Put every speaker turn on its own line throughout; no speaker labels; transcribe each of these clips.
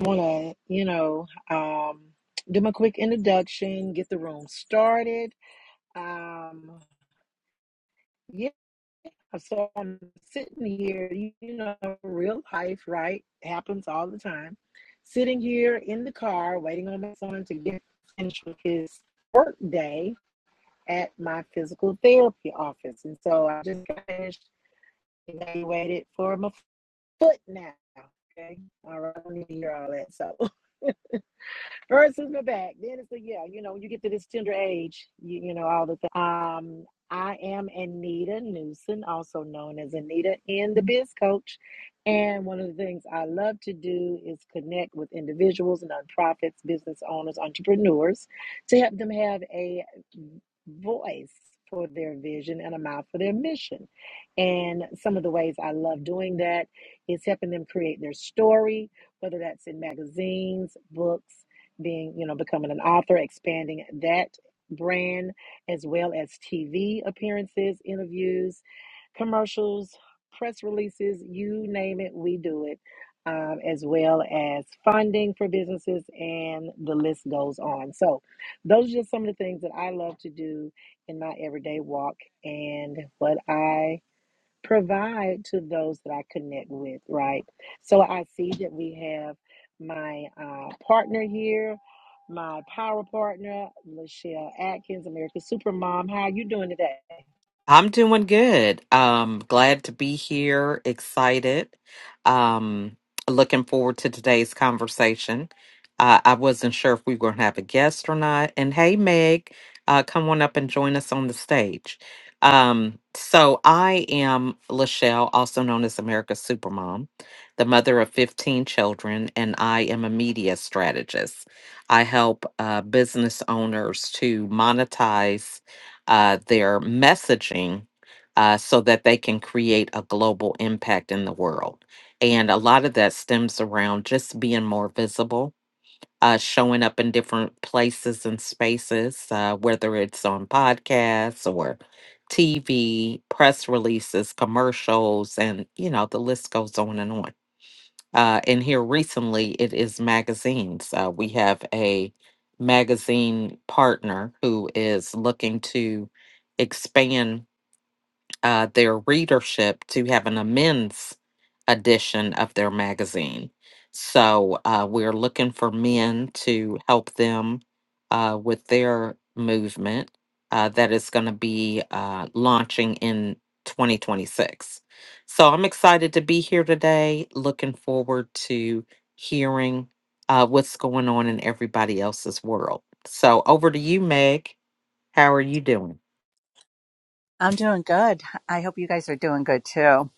want to, you know, um, do my quick introduction, get the room started. Um, yeah, so I'm sitting here, you, you know, real life, right? Happens all the time. Sitting here in the car, waiting on my son to get finished with his work day at my physical therapy office. And so I just got finished evaluated for my foot now. Okay. All right. I don't need to hear all that. So. First is my back. Then it's the yeah. You know, when you get to this tender age, you you know all the things. Um, I am Anita Newson, also known as Anita in the Biz Coach, and one of the things I love to do is connect with individuals, nonprofits, business owners, entrepreneurs, to help them have a voice for their vision and a mouth for their mission. And some of the ways I love doing that is helping them create their story, whether that's in magazines, books being, you know, becoming an author, expanding that brand, as well as TV appearances, interviews, commercials, press releases, you name it, we do it, um, as well as funding for businesses, and the list goes on. So, those are just some of the things that I love to do in my everyday walk and what I provide to those that I connect with, right? So I see that we have my uh, partner here, my power partner, Michelle Atkins, America's Supermom. How are you doing today?
I'm doing good. Um, glad to be here, excited. Um, looking forward to today's conversation. Uh, I wasn't sure if we were going to have a guest or not. And hey, Meg, uh, come on up and join us on the stage. Um, so I am Lachelle, also known as America's Supermom, the mother of 15 children, and I am a media strategist. I help uh, business owners to monetize uh, their messaging uh, so that they can create a global impact in the world. And a lot of that stems around just being more visible, uh, showing up in different places and spaces, uh, whether it's on podcasts or TV, press releases, commercials, and you know, the list goes on and on. Uh, and here recently, it is magazines. Uh, we have a magazine partner who is looking to expand uh, their readership to have an amends edition of their magazine. So uh, we're looking for men to help them uh, with their movement uh, that is going to be uh, launching in 2026. So I'm excited to be here today. Looking forward to hearing uh, what's going on in everybody else's world. So over to you, Meg. How are you doing?
I'm doing good. I hope you guys are doing good too.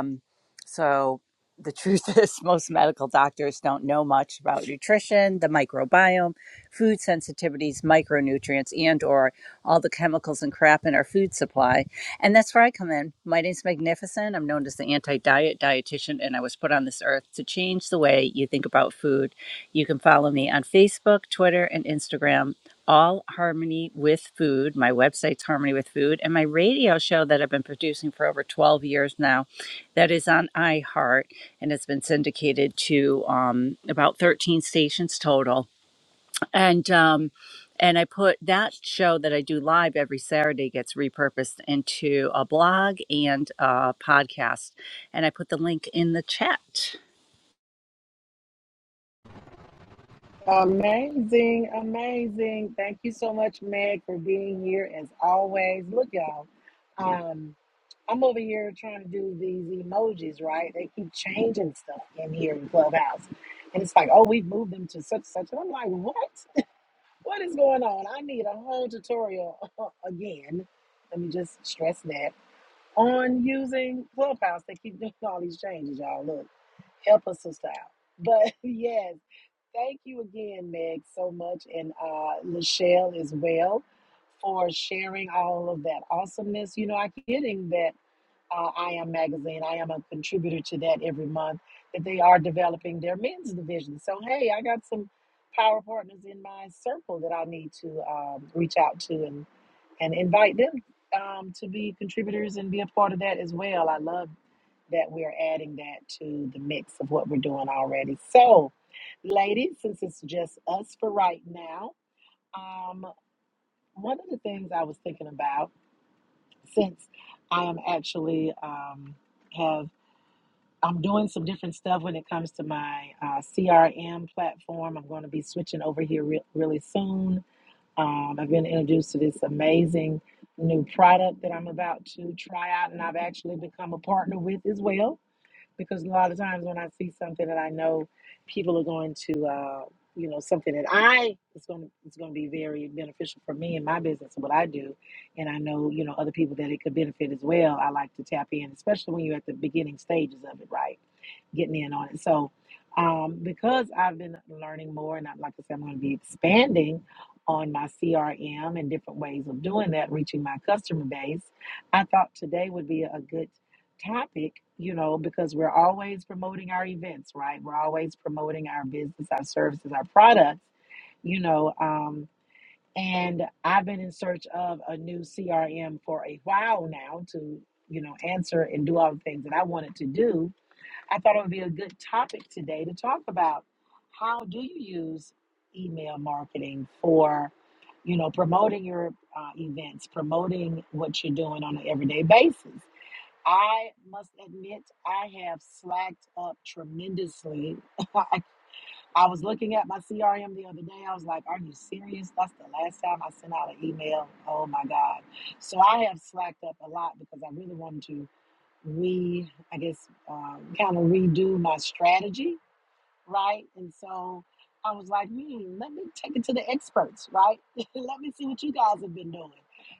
Um, so, the truth is, most medical doctors don't know much about nutrition, the microbiome, food sensitivities, micronutrients, and/or all the chemicals and crap in our food supply. And that's where I come in. My name's Magnificent. I'm known as the anti-diet dietitian, and I was put on this earth to change the way you think about food. You can follow me on Facebook, Twitter, and Instagram all harmony with food my website's harmony with food and my radio show that i've been producing for over 12 years now that is on iheart and it's been syndicated to um, about 13 stations total and um, and i put that show that i do live every saturday gets repurposed into a blog and a podcast and i put the link in the chat
Amazing, amazing. Thank you so much, Meg, for being here as always. Look, y'all. Um, I'm over here trying to do these emojis, right? They keep changing stuff in here in Clubhouse. And it's like, oh, we've moved them to such and such. And I'm like, what? What is going on? I need a whole tutorial again. Let me just stress that on using Clubhouse. They keep doing all these changes, y'all. Look, help us sister out. But yes, thank you again, Meg, so much, and uh, Lachelle as well for sharing all of that awesomeness. You know, I am getting that uh, I Am magazine. I am a contributor to that every month. That they are developing their men's division. So hey, I got some power partners in my circle that I need to um, reach out to and and invite them um, to be contributors and be a part of that as well. I love that we're adding that to the mix of what we're doing already. So, ladies, since it's just us for right now, um, one of the things I was thinking about since I am actually um, have I'm doing some different stuff when it comes to my uh, CRM platform. I'm going to be switching over here re- really soon. Um, I've been introduced to this amazing new product that I'm about to try out, and I've actually become a partner with as well because a lot of times when I see something that I know people are going to, uh, you know, something that I it's going to it's going to be very beneficial for me and my business and what I do, and I know you know other people that it could benefit as well. I like to tap in, especially when you're at the beginning stages of it, right? Getting in on it. So um, because I've been learning more, and I'm, like I said, I'm going to be expanding on my CRM and different ways of doing that, reaching my customer base. I thought today would be a good topic, you know, because we're always promoting our events, right? We're always promoting our business, our services, our products, you know. Um, and I've been in search of a new CRM for a while now to, you know, answer and do all the things that I wanted to do. I thought it would be a good topic today to talk about how do you use email marketing for, you know, promoting your uh, events, promoting what you're doing on an everyday basis I must admit, I have slacked up tremendously. I, I was looking at my CRM the other day. I was like, Are you serious? That's the last time I sent out an email. Oh my God. So I have slacked up a lot because I really wanted to re, I guess, um, kind of redo my strategy right? And so I was like, hmm, let me take it to the experts, right? let me see what you guys have been doing.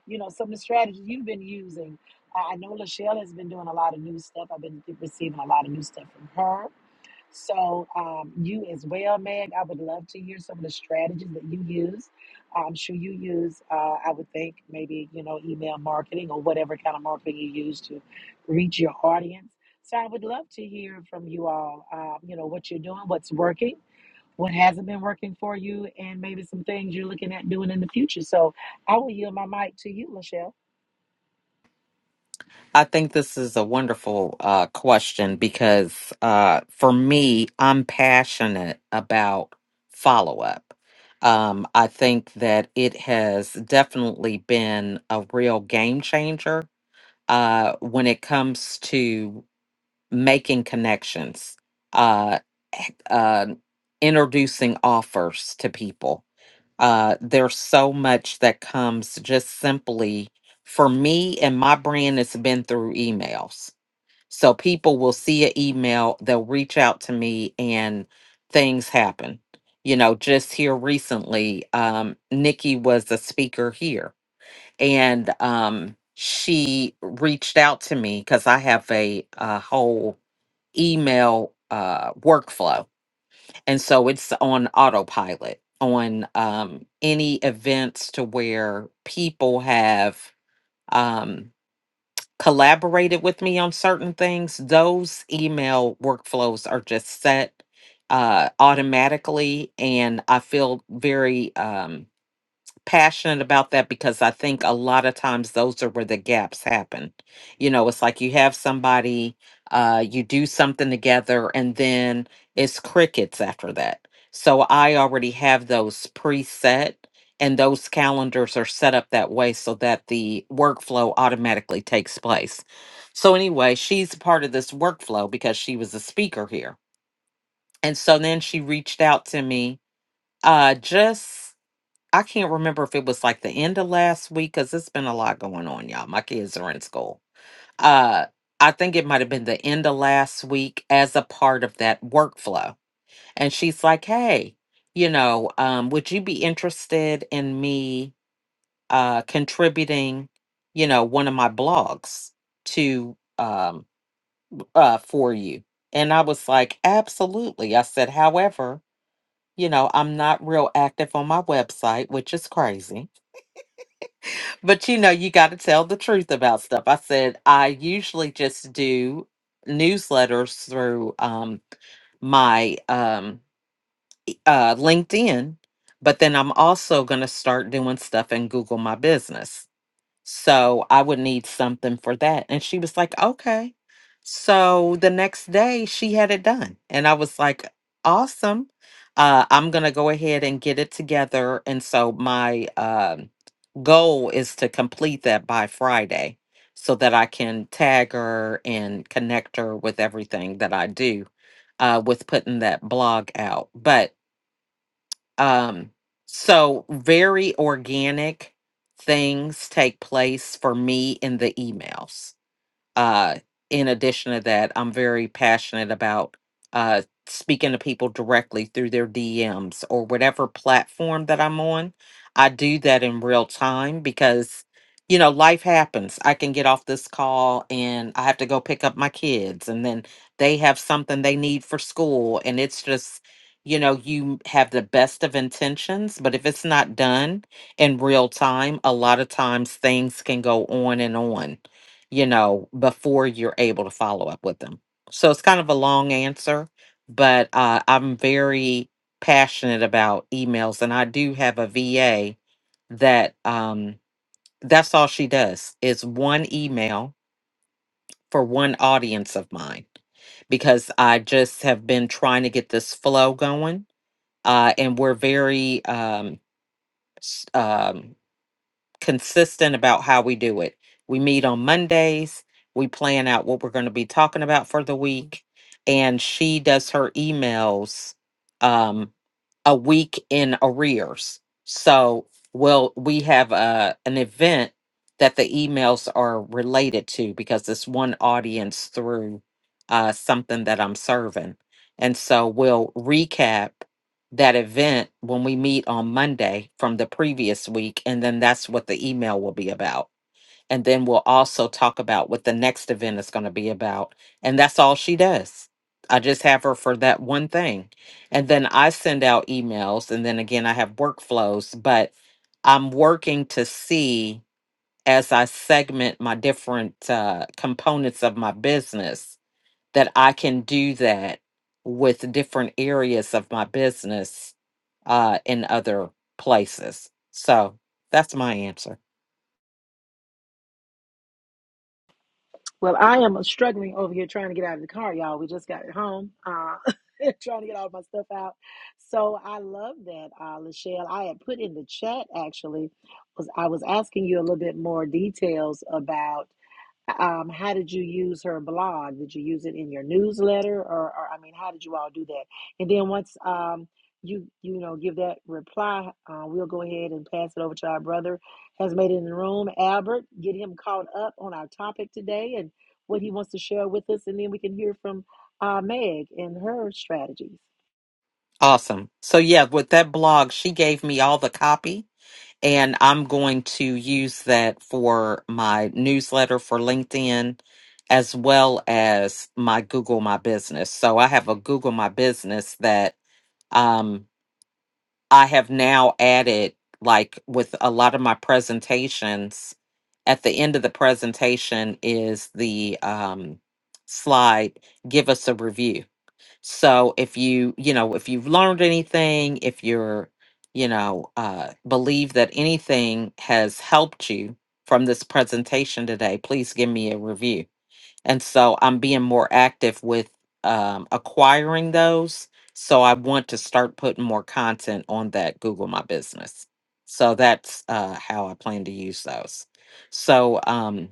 You know, some of the strategies you've been using. I I know Lachelle has been doing a lot of new stuff. I've been receiving a lot of new stuff from her. So, um, you as well, Meg, I would love to hear some of the strategies that you use. I'm sure you use, uh, I would think, maybe, you know, email marketing or whatever kind of marketing you use to reach your audience. So, I would love to hear from you all, um, you know, what you're doing, what's working what hasn't been working for you and maybe some things you're looking at doing in the future. So I will yield my mic to you, Lachelle.
I think this is a wonderful uh, question because uh, for me, I'm passionate about follow up. Um, I think that it has definitely been a real game changer uh, when it comes to making connections, uh, h- uh, introducing offers to people uh, there's so much that comes just simply for me and my brand has been through emails. So people will see an email, they'll reach out to me, and things happen. You know, just here recently, um, Nikki was a speaker here, and um, she reached out to me because I have a, a whole email uh, workflow and so it's on autopilot on um, any events to where people have um, collaborated with me on certain things those email workflows are just set uh, automatically and i feel very um, passionate about that because I think a lot of times those are where the gaps happen. You know, it's like you have somebody, uh, you do something together, and then it's crickets after that. So I already have those preset, and those calendars are set up that way so that the workflow automatically takes place. So, anyway, she's part of this workflow because she was a speaker here. And so then she reached out to me uh, just I can't remember if it was like the end of last week because it's been a lot going on, y'all. My kids are in school. Uh, I think it might have been the end of last week as a part of that workflow. And she's like, hey, you know, um, would you be interested in me uh, contributing, you know, one of my blogs to um, uh, for you? And I was like, absolutely. I said, however, you know, I'm not real active on my website, which is crazy But you know, you got to tell the truth about stuff. I said I usually just do newsletters through um, my um, uh, LinkedIn, but then I'm also going to start doing stuff in Google My Business. So I would need something for that. And she was like, okay. So the next day she had it done. And I was like, awesome. Uh, I'm going to go ahead and get it together. And so my, um goal is to complete that by Friday so that I can tag her and connect her with everything that I do uh, with putting that blog out. But um, so very organic things take place for me in the emails uh, in addition to that, I'm very passionate about uh, speaking to people directly through their DMs or whatever platform that I'm on. I do that in real time because, you know, life happens. I can get off this call and I have to go pick up my kids, and then they have something they need for school. And it's just, you know, you have the best of intentions, but if it's not done in real time, a lot of times things can go on and on you know, before you're able to follow up with them. So it's kind of a long answer, but uh, I'm very passionate about emails. And I do have a VA that um, that's all she does is one email for one audience of mine because I just have been trying to get this flow going. Uh, and we're very um, consistent about how we do it. We meet on Mondays, we plan out what we're going to be talking about for the week, and she does her emails um a week in arrears. So, we'll we have a an event that the emails are related to because it's one audience through uh something that I'm serving. And so we'll recap that event when we meet on Monday from the previous week. And then that's what the email will be about. And then we'll also talk about what the next event is going to be about. And that's all she does. I just have her for that one thing. And then I send out emails. And then again, I have workflows, but I'm working to see as I segment my different uh, components of my business that I can do that with different areas of my business uh, in other places. So that's my answer.
Well, I am struggling over here trying to get out of the car, y'all. We just got it home, uh, trying to get all my stuff out. So I love that, uh, Lachelle. I had put in the chat actually was I was asking you a little bit more details about. Um, how did you use her blog? Did you use it in your newsletter, or, or I mean, how did you all do that? And then once um, you you know give that reply, uh, we'll go ahead and pass it over to our brother has made it in the room, Albert. Get him caught up on our topic today and what he wants to share with us, and then we can hear from uh, Meg and her strategies.
Awesome. So, yeah, with that blog, she gave me all the copy, and I'm going to use that for my newsletter for LinkedIn as well as my Google My Business. So, I have a Google My Business that. Um, I have now added, like with a lot of my presentations, at the end of the presentation is the um, slide, give us a review. So if you, you know, if you've learned anything, if you're, you know, uh, believe that anything has helped you from this presentation today, please give me a review and so I'm being more active with um, acquiring those. So I want to start putting more content on that Google My Business. So that's uh, how I plan to use those. So, um,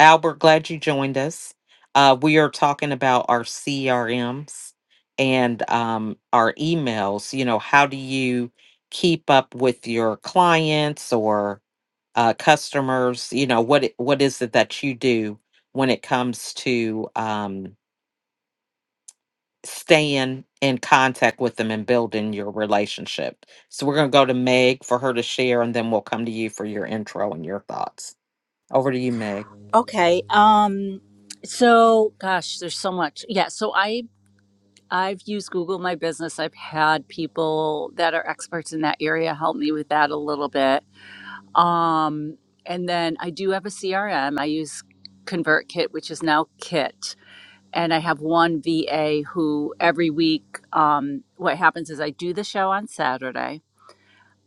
Albert, glad you joined us. Uh, we are talking about our CRMs and um, our emails. You know, how do you keep up with your clients or uh, customers you know what it- what is it that you do when it comes to um, staying in contact with them and building your relationship so we're going to go to meg for her to share and then we'll come to you for your intro and your thoughts over to you meg
Okay. Um. So, gosh, there's so much. Yeah. So I I've used Google My Business. I've had people that are experts in that area help me with that a little bit. Um, and then I do have a CRM. I use ConvertKit, which is now Kit. And I have one VA who every week, um, what happens is I do the show on Saturday.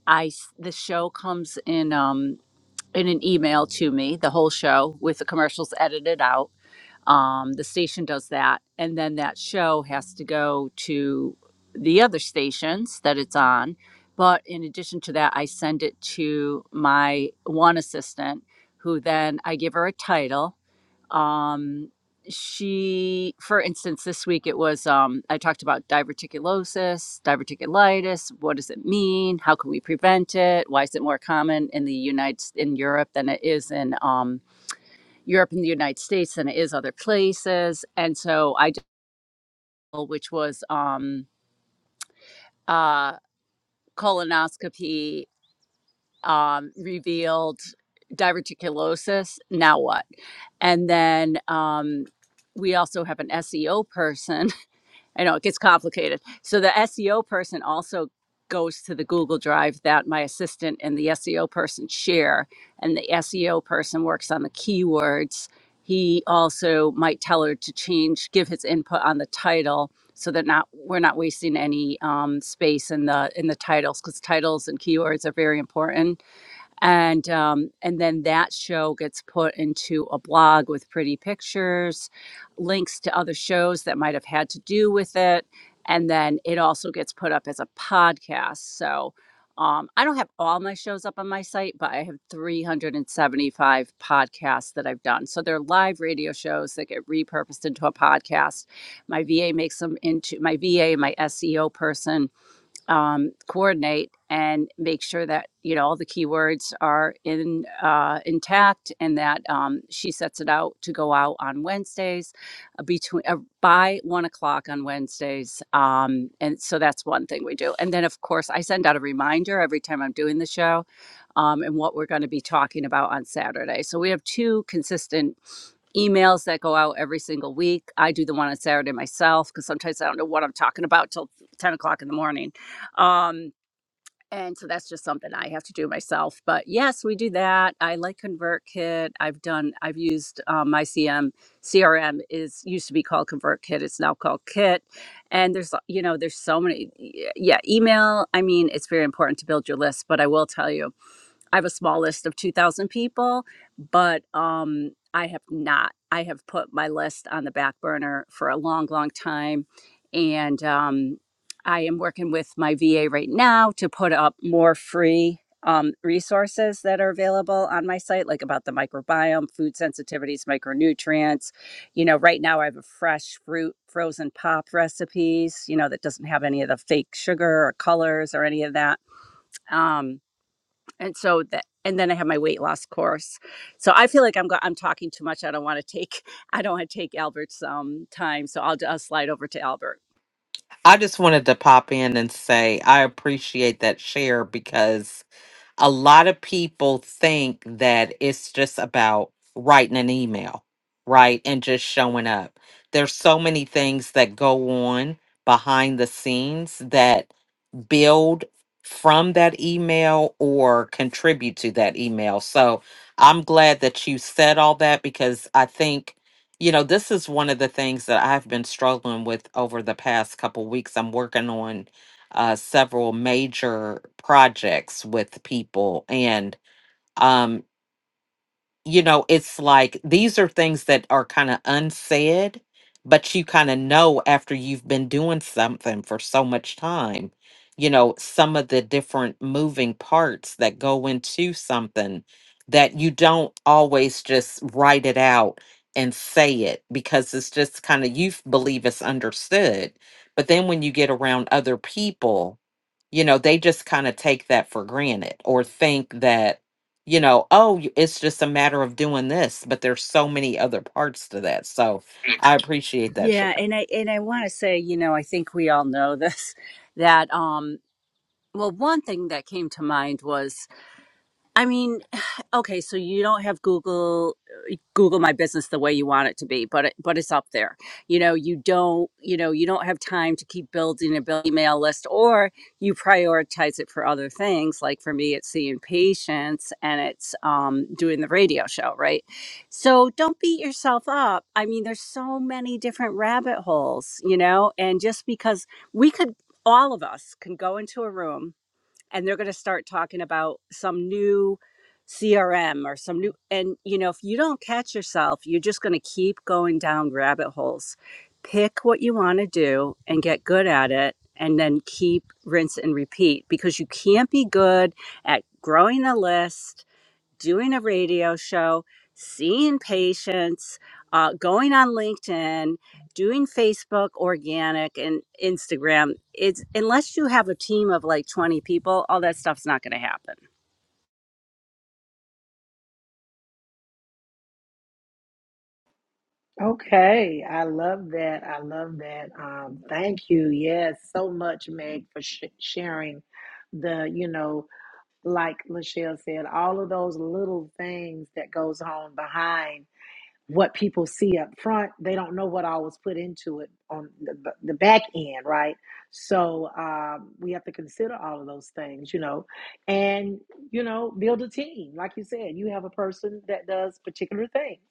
I s- the show comes in um, in an email to me, the whole show with the commercials edited out um, the station does that and then that show has to go to the other stations that it's on but in addition to that i send it to my one assistant who then i give her a title um, she for instance this week it was um, i talked about diverticulosis diverticulitis what does it mean how can we prevent it why is it more common in the united in europe than it is in um, Europe and the United States than it is other places. And so I did, which was um, uh, colonoscopy um, revealed diverticulosis. Now what? And then um, we also have an SEO person I know it gets complicated. So the SEO person also goes to the Google Drive that my assistant and the SEO person share, and the SEO person works on the keywords. He also might tell her to change, give his input on the title, so that not we're not wasting any um, space in the in the titles because titles and keywords are very important and um, and then that show gets put into a blog with pretty pictures links to other shows that might have had to do with it and then it also gets put up as a podcast so um, i don't have all my shows up on my site but i have 375 podcasts that i've done so they're live radio shows that get repurposed into a podcast my va makes them into my va my seo person um, coordinate and make sure that you know all the keywords are in uh, intact and that um, she sets it out to go out on Wednesdays uh, between uh, by one o'clock on Wednesdays um, and so that's one thing we do and then of course I send out a reminder every time I'm doing the show um, and what we're going to be talking about on Saturday so we have two consistent emails that go out every single week. I do the one on Saturday myself because sometimes I don't know what I'm talking about till 10 o'clock in the morning. Um, and so that's just something I have to do myself. But yes, we do that. I like ConvertKit. I've done, I've used um, my CM, CRM is used to be called ConvertKit. It's now called Kit. And there's, you know, there's so many. Yeah, email. I mean, it's very important to build your list, but I will tell you I have a small list of 2,000 people, but um, I have not. I have put my list on the back burner for a long, long time. And um, I am working with my VA right now to put up more free um, resources that are available on my site, like about the microbiome, food sensitivities, micronutrients. You know, right now I have a fresh fruit frozen pop recipes, you know, that doesn't have any of the fake sugar or colors or any of that. Um, and so that and then i have my weight loss course so i feel like i'm go- i'm talking too much i don't want to take i don't want to take albert's um time so i'll, I'll slide over to albert
i just wanted to pop in and say i appreciate that share because a lot of people think that it's just about writing an email, right? And just showing up. There's so many things that go on behind the scenes that build from that email or contribute to that email. So I'm glad that you said all that because I think, you know, this is one of the things that I've been struggling with over the past couple weeks. I'm working on uh, several major projects with people and um, you know, it's like these are things that are kind of unsaid, but you kind of know after you've been doing something for so much time, you know, some of the different moving parts that go into something that you don't always just write it out and say it because it's just kind of you f- believe it's understood. But then when you get around other people, you know they just kind of take that for granted or think that you know oh y- it's just a matter of doing this but there's so many other parts to that so i appreciate that Siobhan.
yeah and i and i want to say you know i think we all know this that um well one thing that came to mind was i mean okay so you don't have google Google my business the way you want it to be, but it, but it's up there. You know, you don't you know you don't have time to keep building a bill- email list, or you prioritize it for other things. Like for me, it's seeing patients and it's um, doing the radio show, right? So don't beat yourself up. I mean, there's so many different rabbit holes, you know, and just because we could, all of us can go into a room and they're going to start talking about some new CRM or some new and you know if you don't catch yourself you're just going to keep going down rabbit holes pick what you want to do and get good at it and then keep rinse and repeat because you can't be good at growing a list doing a radio show, seeing patients, uh, going on LinkedIn, doing Facebook organic and Instagram. It's unless you have a team of like 20 people, all that stuff's not going to happen.
Okay, I love that. I love that. Um, thank you. Yes, so much, Meg, for sh- sharing the you know like Lachelle said, all of those little things that goes on behind what people see up front they don't know what I was put into it on the, the back end right so um, we have to consider all of those things you know and you know build a team like you said you have a person that does particular things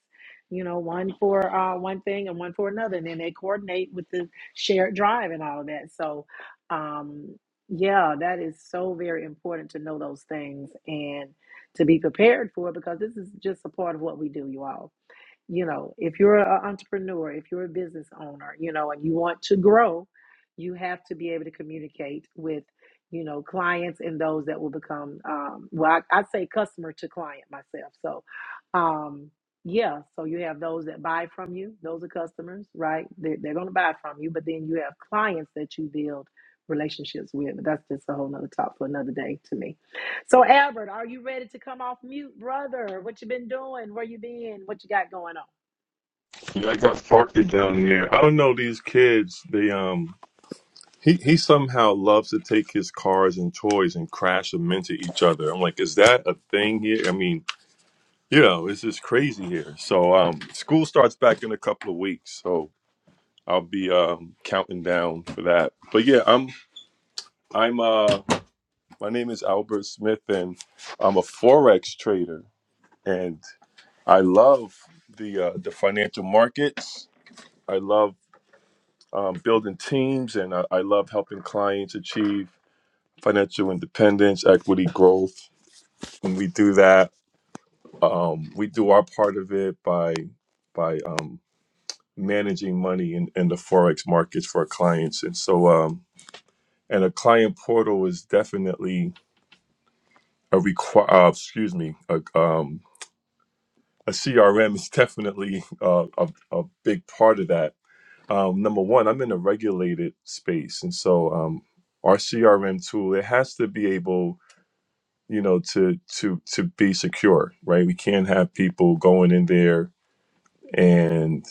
you know one for uh, one thing and one for another and then they coordinate with the shared drive and all of that so um, yeah that is so very important to know those things and to be prepared for because this is just a part of what we do you all you know if you're an entrepreneur if you're a business owner you know and you want to grow you have to be able to communicate with you know clients and those that will become um, well I, I say customer to client myself so um yeah so you have those that buy from you those are customers right they they're going to buy from you but then you have clients that you build relationships with but that's just a whole nother talk for another day to me so albert are you ready to come off mute brother what you been doing where you been what you got going on
Yeah, I got Farkey down here. I don't know these kids. They um, he he somehow loves to take his cars and toys and crash them into each other. I'm like, is that a thing here? I mean, you know, it's just crazy here. So um, school starts back in a couple of weeks, so I'll be um counting down for that. But yeah, I'm I'm uh, my name is Albert Smith, and I'm a forex trader, and I love the uh, the financial markets. I love um, building teams, and I, I love helping clients achieve financial independence, equity, growth. When we do that, um, we do our part of it by by um, managing money in, in the forex markets for our clients, and so um, and a client portal is definitely a require. Uh, excuse me, a, um, a CRM is definitely uh, a, a big part of that um, number one, I'm in a regulated space, and so um, our CRM tool it has to be able, you know, to to to be secure, right? We can't have people going in there and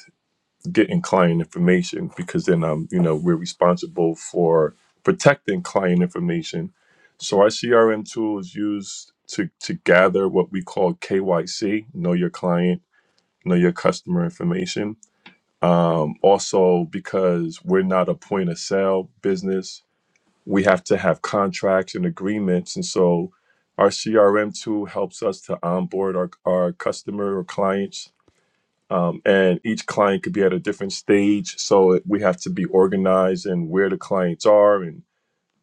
getting client information because then um, you know, we're responsible for protecting client information. So our CRM tool is used to to gather what we call KYC, know your client, know your customer information um, also, because we're not a point of sale business, we have to have contracts and agreements. And so our CRM tool helps us to onboard our, our customer or clients. Um, and each client could be at a different stage. So it- we have to be organized and where the clients are and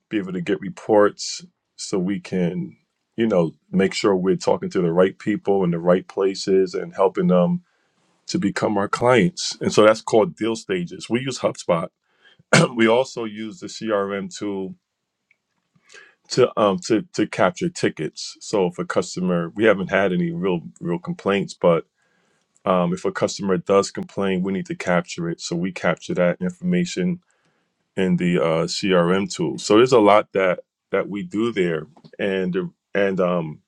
be able to get reports so we can, you know, make sure we're talking to the right people in the right places and helping them to become our clients. And so that's called deal stages. We use HubSpot we also use the CRM tool to um to to capture tickets. So if a customer, we haven't had any real real complaints, but um, if a customer does complain, we need to capture it. So we capture that information in the uh, CRM tool. So there's a lot that that we do there, and and um,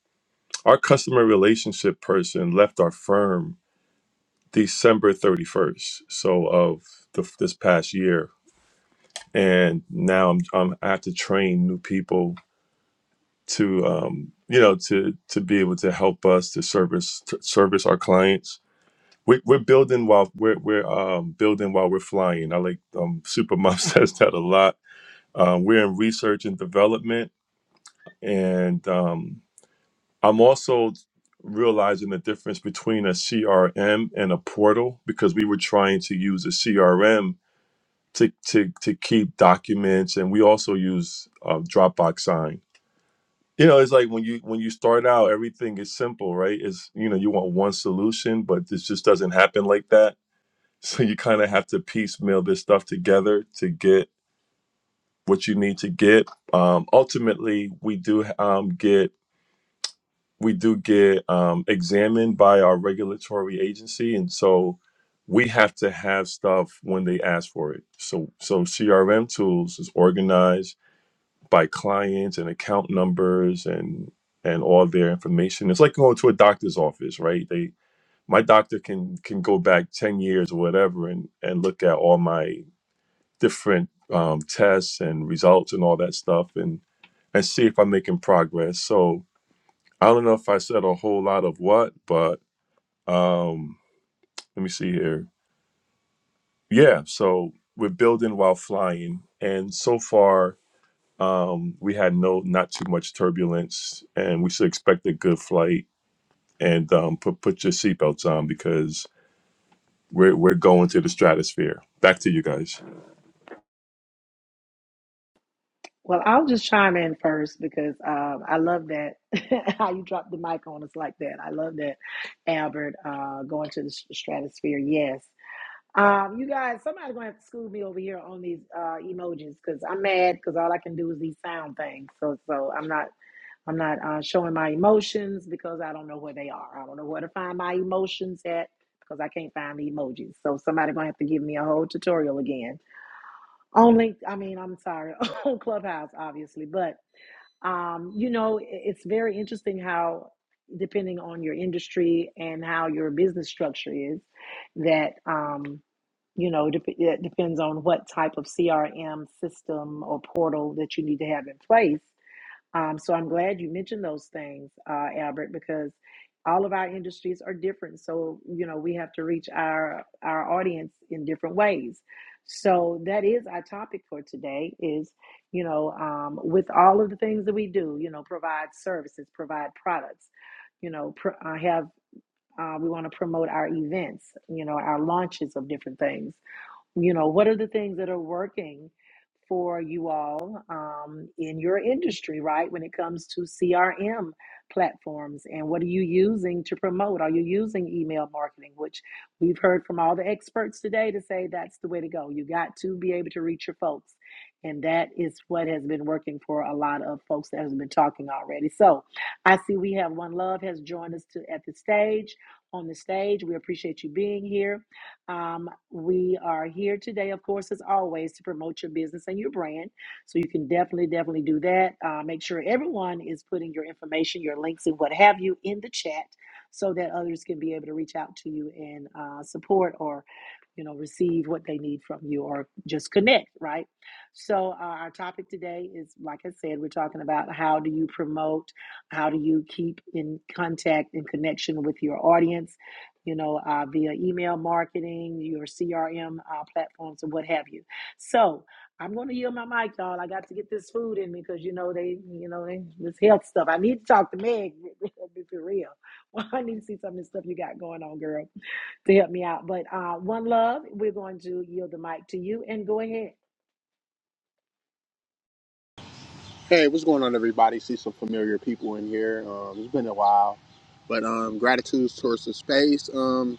our customer relationship person left our firm December 31st, so of the, this past year, and now I'm, I'm I have to train new people to um, you know to to be able to help us to service to service our clients. We're, we're building while we're we're um, building while we're flying. I like um, Supermom says that a lot. Um, we're in research and development, and um, I'm also realizing the difference between a CRM and a portal because we were trying to use a CRM to to to keep documents, and we also use uh, Dropbox Sign you know it's like when you when you start out everything is simple right it's you know you want one solution but this just doesn't happen like that so you kind of have to piecemeal this stuff together to get what you need to get um ultimately we do um get we do get um examined by our regulatory agency and so we have to have stuff when they ask for it so so crm tools is organized by clients and account numbers and and all their information. It's like going to a doctor's office, right? They my doctor can can go back ten years or whatever and and look at all my different um, tests and results and all that stuff and and see if I'm making progress. So I don't know if I said a whole lot of what, but um, let me see here. Yeah, so we're building while flying, and so far Um, we had no not too much turbulence, and we should expect a good flight. And um, put put your seatbelts on because we're we're going to the stratosphere. Back to you guys.
Well, I'll just chime in first because um, I love that how you dropped the mic on us like that. I love that, Albert, uh, going to the s- stratosphere. Yes. Um, you guys, somebody's going to have to school me over here on these uh, emojis because I'm mad because all I can do is these sound things. So, so I'm not, I'm not uh, showing my emotions because I don't know where they are. I don't know where to find my emotions at because I can't find the emojis. So somebody's going to have to give me a whole tutorial again. Only, I mean, I'm sorry, on Clubhouse, obviously, but um, you know, it's very interesting how, depending on your industry and how your business structure is, that, um, you know, dep- it depends on what type of CRM system or portal that you need to have in place um, so I'm glad you mentioned those things, uh, Albert, because all of our industries are different. So you know we have to reach our our audience in different ways. So that is our topic for today. Is you know um, with all of the things that we do, you know, provide services, provide products, you know, pr- uh, have. Uh, we want to promote our events, you know, our launches of different things you know what are the things that are working for you all um, in your industry right when it comes to crm platforms and what are you using to promote are you using email marketing which we've heard from all the experts today to say that's the way to go you got to be able to reach your folks and that is what has been working for a lot of folks that has been talking already so i see we have one love has joined us to at the stage on the stage we appreciate you being here um, we are here today, of course, as always, to promote your business and your brand. So you can definitely, definitely do that. Uh, make sure everyone is putting your information, your links, and what have you in the chat so that others can be able to reach out to you and uh, support or you know receive what they need from you or just connect right so uh, our topic today is like i said we're talking about how do you promote how do you keep in contact and connection with your audience you know, uh, via email marketing, your CRM uh, platforms, and what have you. So I'm going to yield my mic, y'all. I got to get this food in me because you know they, you know, they, this health stuff. I need to talk to Meg be for real. Well, I need to see some of this stuff you got going on, girl, to help me out. But uh, one love, we're going to yield the mic to you and go ahead.
Hey, what's going on, everybody? See some familiar people in here. Um, it's been a while, but um, gratitude towards the space. Um,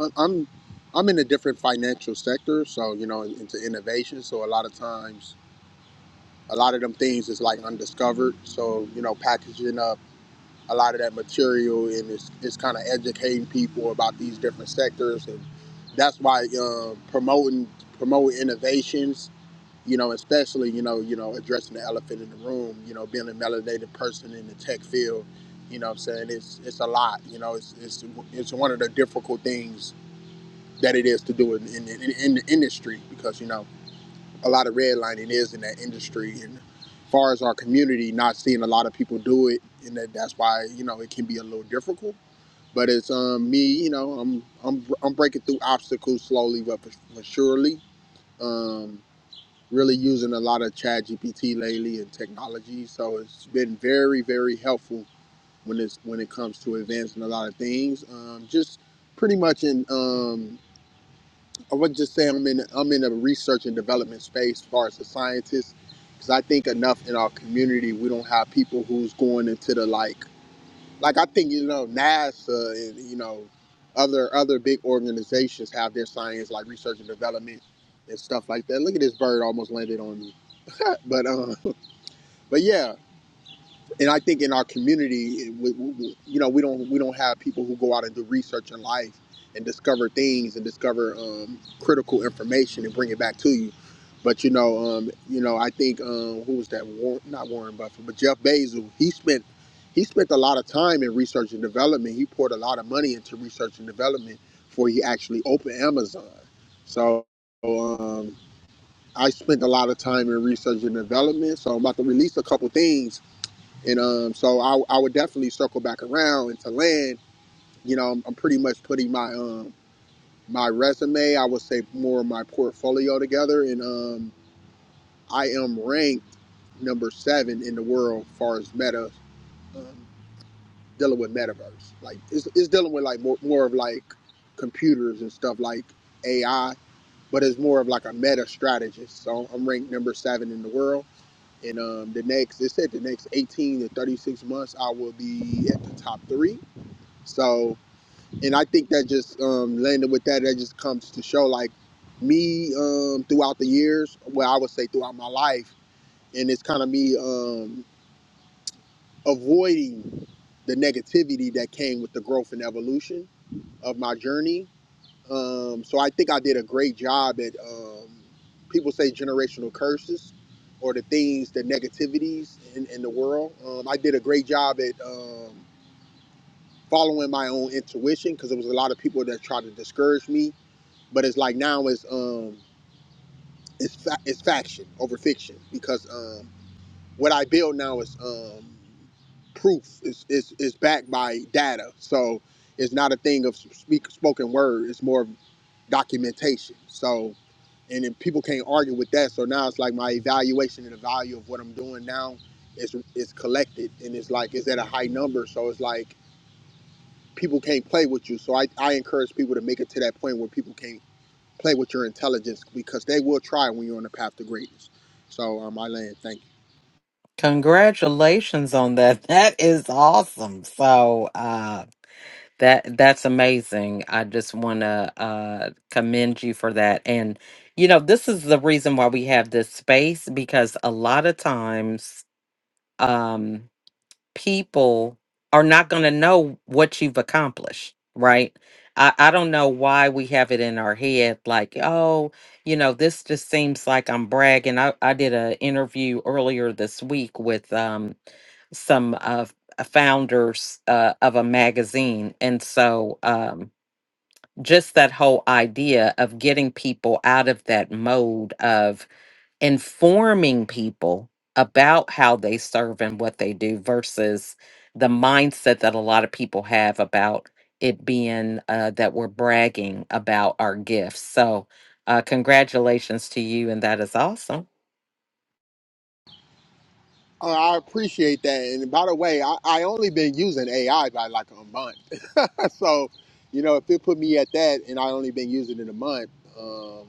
I- I'm I'm in a different financial sector, so you know into innovation. So a lot of times, a lot of them things is like undiscovered. So you know, packaging up a lot of that material and it's it's kind of educating people about these different sectors, and that's why um, promoting promoting innovations you know, especially, you know, you know, addressing the elephant in the room, you know, being a melanated person in the tech field, you know what I'm saying? It's it's a lot, you know, it's it's it's one of the difficult things that it is to do in in, in, in the industry because, you know, a lot of redlining is in that industry and far as our community not seeing a lot of people do it and that, that's why, you know, it can be a little difficult. But it's um me, you know, I'm I'm I'm breaking through obstacles slowly but for, for surely. Um, really using a lot of ChatGPT lately and technology so it's been very very helpful when it's when it comes to advancing a lot of things um, just pretty much in um, i would just say i'm in i'm in a research and development space as far as a scientist because i think enough in our community we don't have people who's going into the like like i think you know nasa and you know other other big organizations have their science like research and development and stuff like that look at this bird almost landed on me but um, but yeah, and I think in our community, we, we, you know, we don't we don't have people who go out and do research in life and discover things and discover um, critical information and bring it back to you. But you know, um, you know, I think um, who was that? Warren, not Warren Buffett, but Jeff Bezos. He spent he spent a lot of time in research and development. He poured a lot of money into research and development before he actually opened Amazon. So um, I spent a lot of time in research and development. So I'm about to release a couple things and um, so I, I would definitely circle back around and to land. You know, I'm, I'm pretty much putting my um, my resume, I would say more of my portfolio together, and um, I am ranked number seven in the world as far as meta um, dealing with metaverse. Like it's, it's dealing with like more, more of like computers and stuff like AI, but it's more of like a meta strategist. So I'm ranked number seven in the world. And um, the next, it said the next 18 to 36 months, I will be at the top three So, and I think that just um, landing with that, that just comes to show like me um, throughout the years, well, I would say throughout my life, and it's kind of me um, avoiding the negativity that came with the growth and evolution of my journey. Um, so I think I did a great job at um, people say generational curses or the things, the negativities in, in the world. Um, I did a great job at. um, following my own intuition because there was a lot of people that tried to discourage me. But it's like now it's um it's fa- it's faction over fiction because um what I build now is um proof is is is backed by data. So it's not a thing of speak spoken word. It's more of documentation. So and then people can't argue with that. So now it's like my evaluation and the value of what I'm doing now is is collected and it's like is at a high number. So it's like people can't play with you. So I, I encourage people to make it to that point where people can't play with your intelligence because they will try when you're on the path to greatness. So um, I Thank you.
Congratulations on that. That is awesome. So, uh that that's amazing. I just want to uh commend you for that. And you know, this is the reason why we have this space because a lot of times um people are not going to know what you've accomplished, right? I, I don't know why we have it in our head like, oh, you know, this just seems like I'm bragging. I, I did an interview earlier this week with um, some uh, f- founders uh, of a magazine. And so um, just that whole idea of getting people out of that mode of, informing people about how they serve and what they do versus the mindset that a lot of people have about it being uh, that we're bragging about our gifts. So, uh, congratulations to you, and that is awesome.
Uh, I appreciate that. And by the way, I, I only been using AI by like a month. so, you know, if it put me at that and I only been using it in a month, um,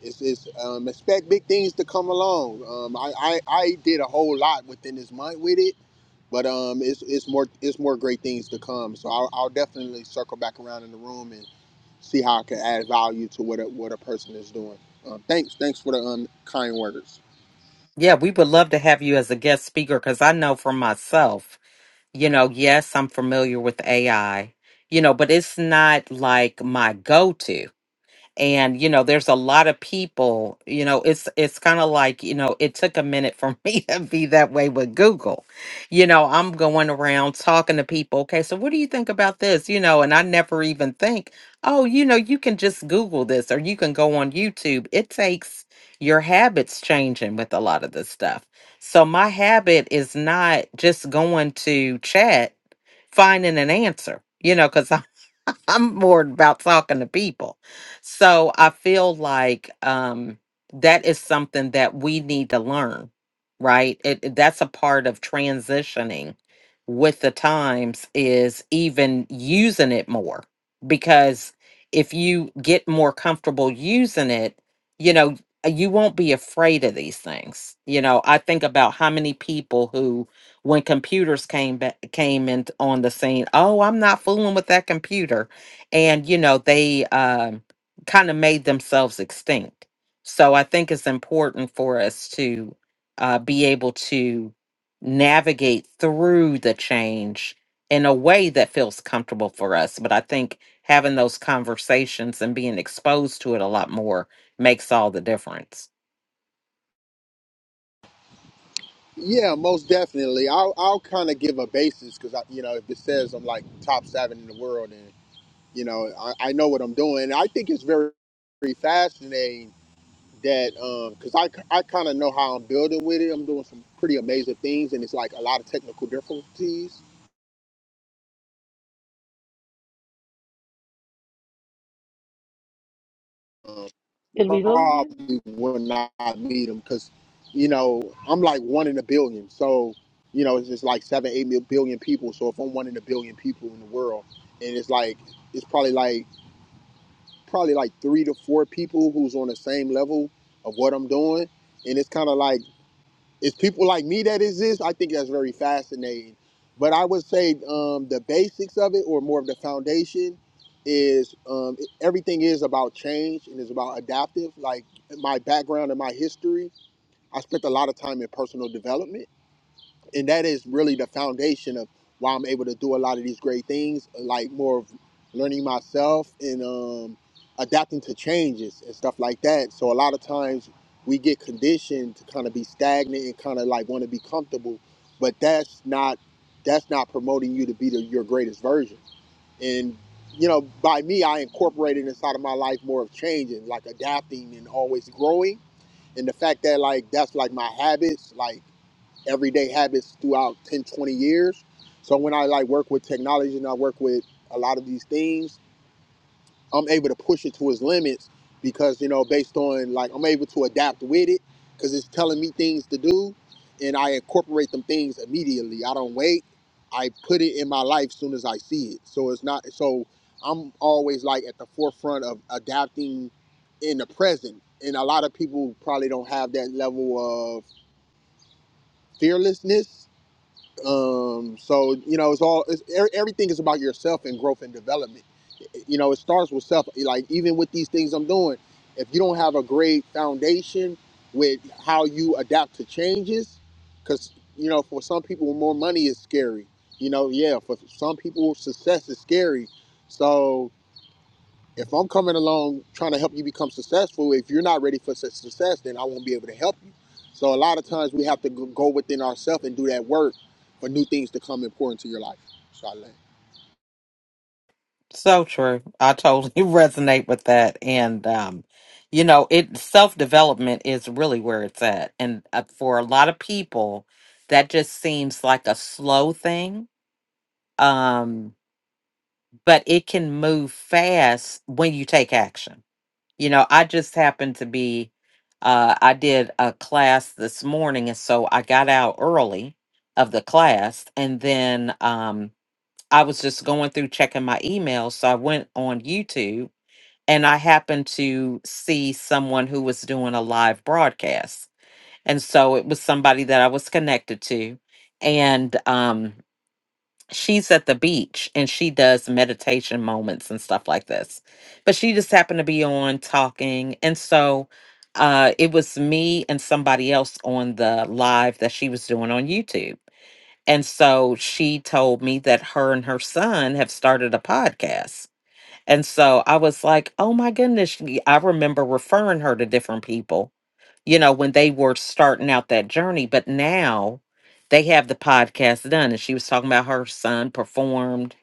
it's, it's um, expect big things to come along. Um, I, I, I did a whole lot within this month with it but um, it's it's more it's more great things to come. So I'll, I'll definitely circle back around in the room and see how I can add value to what a, what a person is doing. Um, thanks, thanks for the um, kind words.
Yeah, we would love to have you as a guest speaker because I know for myself, you know, yes, I'm familiar with AI, you know, but it's not like my go to and you know there's a lot of people you know it's it's kind of like you know it took a minute for me to be that way with google you know i'm going around talking to people okay so what do you think about this you know and i never even think oh you know you can just google this or you can go on youtube it takes your habits changing with a lot of this stuff so my habit is not just going to chat finding an answer you know because I'm more about talking to people. So I feel like um, that is something that we need to learn, right? It, it- that's a part of transitioning with the times is even using it more because if you get more comfortable using it, you know, you won't be afraid of these things. You know, I think about how many people who when computers came back came in on the scene, oh, I'm not fooling with that computer and you know they um, kind of made themselves extinct so i think it's important for us to uh, be able to navigate through the change in a way that feels comfortable for us but i think having those conversations and being exposed to it a lot more makes all the difference
Yeah, most definitely. I'll I'll kind of give a basis because I, you know, if it says I'm like top seven in the world, and you know, I, I know what I'm doing. I think it's very, very fascinating that um because I I kind of know how I'm building with it. I'm doing some pretty amazing things, and it's like a lot of technical difficulties. Um,
Did we lose it?
probably would not need them, because, you know, I'm like one in a billion. So, you know, it's just like seven, eight mil- billion people. So if I'm one in a billion people in the world, and it's like it's probably like probably like three to four people who's on the same level of what I'm doing, and it's kind of like it's people like me that exist. I think that's very fascinating. But I would say um, the basics of it, or more of the foundation, is um, e, everything is about change and is about adaptive. Like my background and my history, I spent a lot of time in personal development and that is really the foundation of why I'm able to do a lot of these great things, like more of learning myself and um, adapting to changes and stuff like that. So a lot of times we get conditioned to kind of be stagnant and kind of like want to be comfortable, but that's not that's not promoting you to be the, your greatest version. And you know, by me, I incorporated inside of my life more of changing, like adapting and always growing. And the fact that like that's like my habits, like everyday habits throughout 10, 20 years so when i like work with technology and i work with a lot of these things i'm able to push it to its limits because you know based on like i'm able to adapt with it because it's telling me things to do and i incorporate them things immediately i don't wait i put it in my life soon as i see it so it's not so i'm always like at the forefront of adapting in the present and a lot of people probably don't have that level of fearlessness um, so you know, it's all it's, e- everything is about yourself and growth and development. You know, it starts with self. Like even with these things I'm doing, if you don't have a great foundation with how you adapt to changes, because you know, for some people, more money is scary. You know, yeah, for some people, success is scary. So if I'm coming along trying to help you become successful, if you're not ready for su- success, then I won't be able to help you. So a lot of times we have to go go within ourselves and do that work for new things to come important to your life. So I land.
So true. I totally resonate with that. And, um, you know, it self development is really where it's at. And uh, for a lot of people, that just seems like a slow thing. Um, but it can move fast when you take action. You know, I just happened to be, uh, I did a class this morning. And so I got out early of the class. And then um, I was just going through checking my emails. So I went on YouTube and I happened to see someone who was doing a live broadcast. And so it was somebody that I was connected to. And um, she's at the beach and she does meditation moments and stuff like this. But she just happened to be on talking. And so uh, it was me and somebody else on the live that she was doing on YouTube. And so she told me that her and her son have started a podcast. And so I was like, oh my goodness. y- I remember referring her to different people, you know, when they were starting out that journey. But now they have the podcast done. And she was talking about her son performed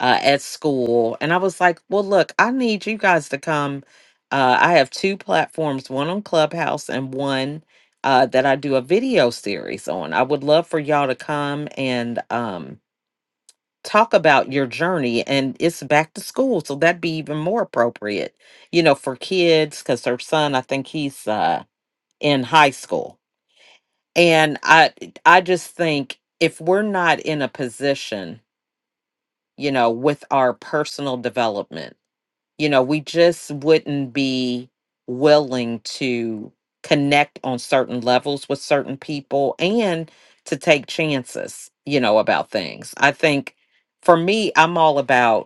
uh, at school. And I was like, well, look, I need you guys to come. Uh, I have two platforms, one on Clubhouse and one uh, that I do a video series on. I would love for y'all to come and, um, talk about your journey and it's back to school so that'd be even more appropriate you know for kids because her son i think he's uh in high school and i i just think if we're not in a position you know with our personal development you know we just wouldn't be willing to connect on certain levels with certain people and to take chances you know about things i think for me i'm all about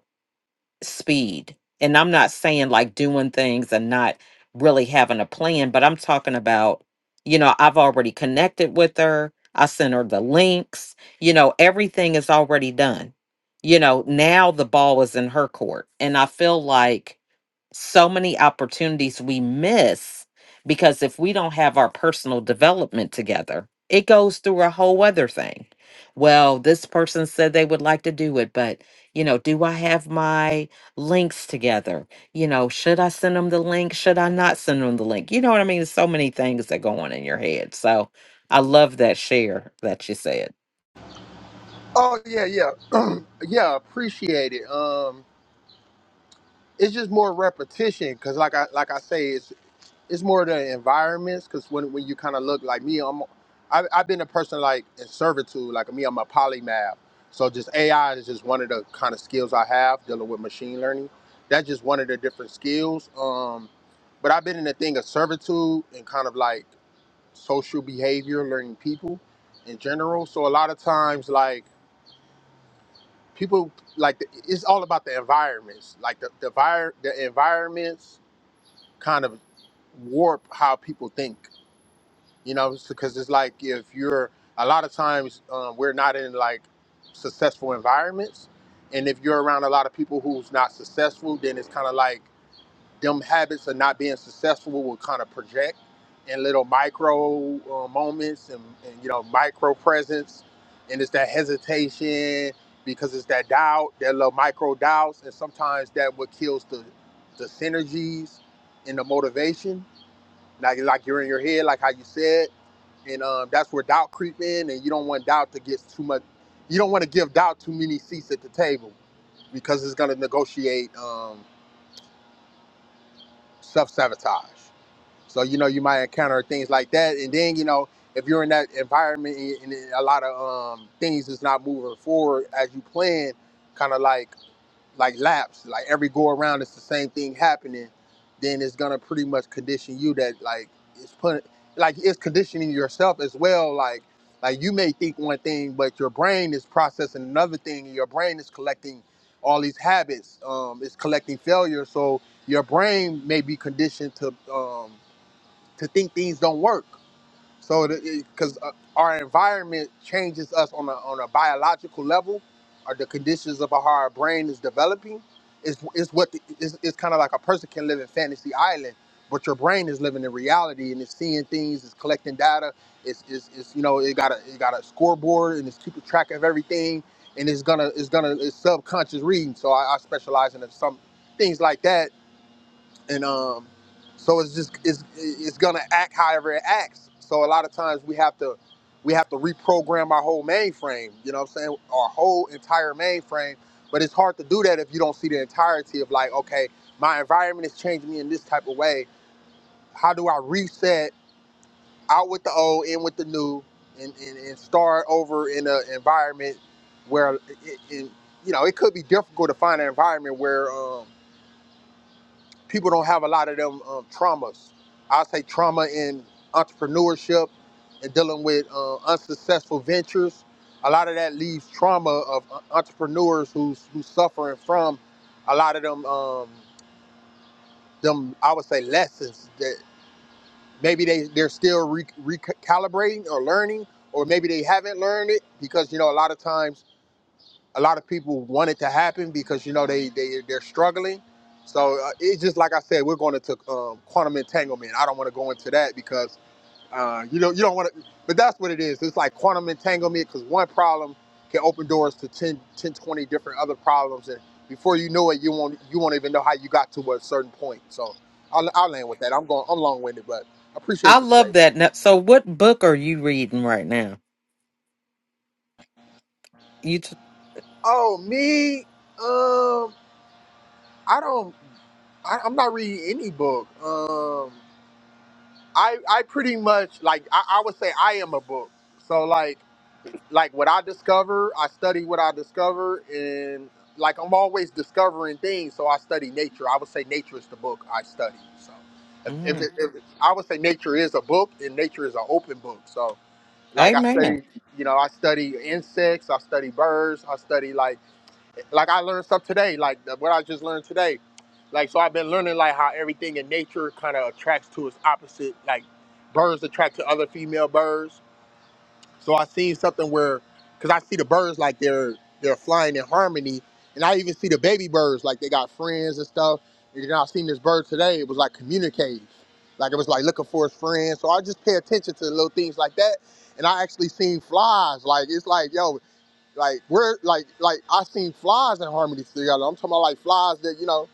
speed. And I'm not saying like doing things and not really having a plan, but I'm talking about, you know, I've already connected with her. I sent her the links. You know, everything is already done. You know, now the ball is in her court. And I feel like so many opportunities we miss because if we don't have our personal development together, it goes through a whole other thing. Well, this person said they would like to do it, but you know, do I have my links together? You know, should I send them the link? Should I not send them the link? You know what I mean? There's so many things that go on in your head. So I love that share that you said.
Oh yeah, yeah, yeah. Appreciate it. Um, it's just more repetition because, like I like I say, it's more the environments because when, when you kind of look like me i'm I, i've been a person like in servitude like me i'm a polymath so just ai is just one of the kind of skills i have dealing with machine learning that's just one of the different skills um but i've been in the thing of servitude and kind of like social behavior learning people in general so a lot of times like people like the, it's all about the environments like the the, vir- the environments kind of warp how people think you know because it's like if you're a lot of times um, we're not in like successful environments and if you're around a lot of people who's not successful then it's kind of like them habits of not being successful will kind of project in little micro uh, moments and, and you know micro presence and it's that hesitation because it's that doubt that little micro doubts and sometimes that what kills the the synergies and the motivation like like you're in your head, like how you said, and um, that's where doubt creep in, and you don't want doubt to get too much. You don't want to give doubt too many seats at the table because it's going to negotiate um, self sabotage. So you know you might encounter things like that, and then you know if you're in that environment and, and a lot of um, things is not moving forward as you plan, kind of like like laps, like every go around, it's the same thing happening, then it's gonna pretty much condition you that like it's put like it's conditioning yourself as well. Like like you may think one thing, but your brain is processing another thing. and Your brain is collecting all these habits. Um, it's collecting failure, so your brain may be conditioned to um, to think things don't work. So, because our environment changes us on a on a biological level, or the conditions of how our brain is developing, is is what the, it's, it's kind of like a person can live in fantasy island, but your brain is living in reality and it's seeing things, it's collecting data, it's it's, it's you know it got a it got a scoreboard and it's keeping track of everything, and it's gonna it's gonna it's subconscious reading. So I, I specialize in some things like that and um, so it's just it's it's gonna act however it acts. So a lot of times we have to we have to reprogram our whole mainframe. You know what I'm saying? Our whole entire mainframe. But it's hard to do that if you don't see the entirety of like, okay, my environment is changing me in this type of way. How do I reset out with the old, in with the new, and and, and start over in an environment where, it, it, you know, it could be difficult to find an environment where. Um, people don't have a lot of them um, traumas. I say trauma in entrepreneurship and dealing with uh, unsuccessful ventures. A lot of that leaves trauma of uh, entrepreneurs who's who's suffering from a lot of them um, them I would say lessons that maybe they they're still re- recalibrating or learning, or maybe they haven't learned it because you know a lot of times a lot of people want it to happen because you know they they they're struggling. So uh, it's just like I said, we're going into um, quantum entanglement. I don't want to go into that because uh, you know you don't want to. But that's what it is. It's like quantum entanglement because one problem can open doors to 10, twenty different other problems, and before you know it, you won't you won't even know how you got to a certain point. So I'll, I'll land with that. I'm going. I'm long winded, but I
I
appreciate the
love
space.
that. Now, so, what book are you reading right now? You, t-
Oh me, um, I don't I, I'm not reading any book. Um, I I pretty much like I, I would say I am a book. So like like what I discover, I study what I discover, and like I'm always discovering things. So I study nature. I would say nature is the book I study. So if, if,
mm,
it- if I would say nature is a book, and nature is an open book. So like I
amen.
study, you know, I study insects, I study birds, I study like like I learned stuff today, like what I just learned today. Like so, I've been learning like how everything in nature kind of attracts to its opposite. Like birds attract to other female birds. So I seen something where, cause I see the birds like they're they're flying in harmony, and I even see the baby birds like they got friends and stuff. And then I seen this bird today. It was like communicating, like it was like looking for its friends. So I just pay attention to little things like that. And I actually seen flies. Like it's like yo, like we're like like I seen flies in harmony together. I'm talking about like flies that you know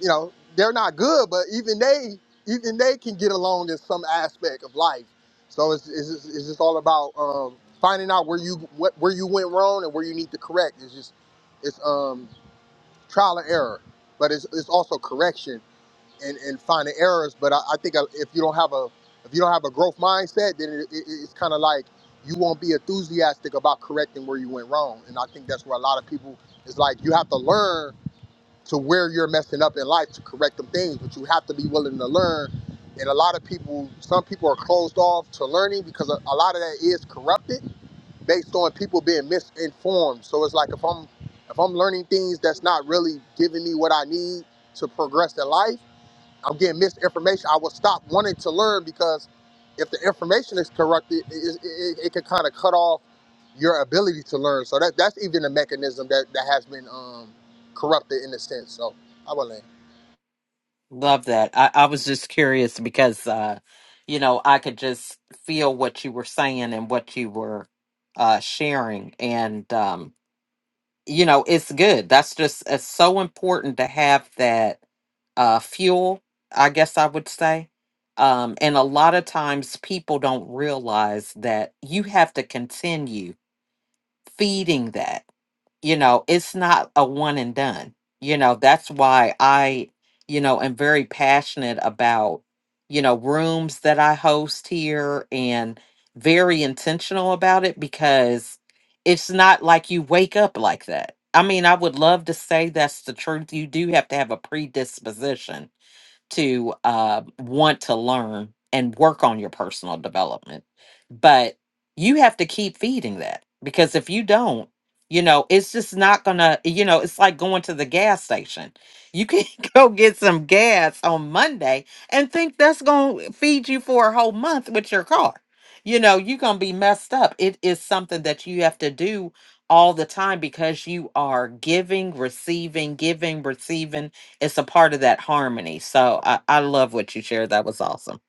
you know they're not good, but even they even they can get along in some aspect of life. So it's it's just, it's just all about um, finding out where you what where you went wrong and where you need to correct. It's just it's um trial and error, but it's it's also correction and, and finding errors. But I, I think uh, if you don't have a if you don't have a growth mindset, then it, it, it's kind of like you won't be enthusiastic about correcting where you went wrong. And I think that's where a lot of people is like you have to learn to where you're messing up in life to correct them things, but you have to be willing to learn. And a lot of people, some people are closed off to learning because a, a lot of that is corrupted based on people being misinformed. So it's like if I'm if I'm learning things that's not really giving me what I need to progress in life I'm getting misinformation, I will stop wanting to learn because if the information is corrupted, it, it, it can kind of cut off your ability to learn. So that that's even a mechanism that, that has been um, corrupted in a sense. So I will land.
Love that. I, I was just curious because, uh, you know, I could just feel what you were saying and what you were uh, sharing. And, um, you know, it's good. That's just, it's so important to have that uh, fuel, I guess I would say. Um, and a lot of times people don't realize that you have to continue feeding that. you know it's not a one and done you know that's why i you know am very passionate about you know rooms that i host here and very intentional about it because it's not like you wake up like that i mean i would love to say that's the truth you do have to have a predisposition to uh, want to learn and work on your personal development. But you have to keep feeding that because if you don't, you know, it's just not gonna, you know, it's like going to the gas station. You can go get some gas on Monday and think that's gonna feed you for a whole month with your car. You know, you're gonna be messed up. It is something that you have to do all the time because you are giving, receiving, giving, receiving it's a part of that harmony. So I, I love what you shared. That was awesome.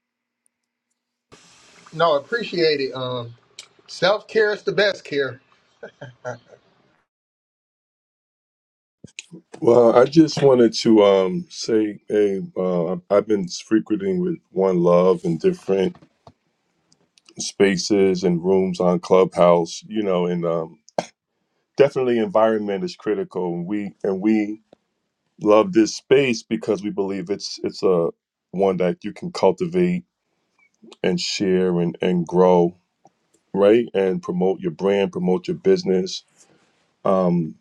No, appreciate it. Um, Self care is the best care.
Well, I just wanted to um, say, hey, uh, I've been frequenting with One Love in different spaces and rooms on Clubhouse. You know, and um, definitely environment is critical. And we and we love this space because we believe it's it's a one that you can cultivate and share and, and grow, right? And promote your brand, promote your business. Um,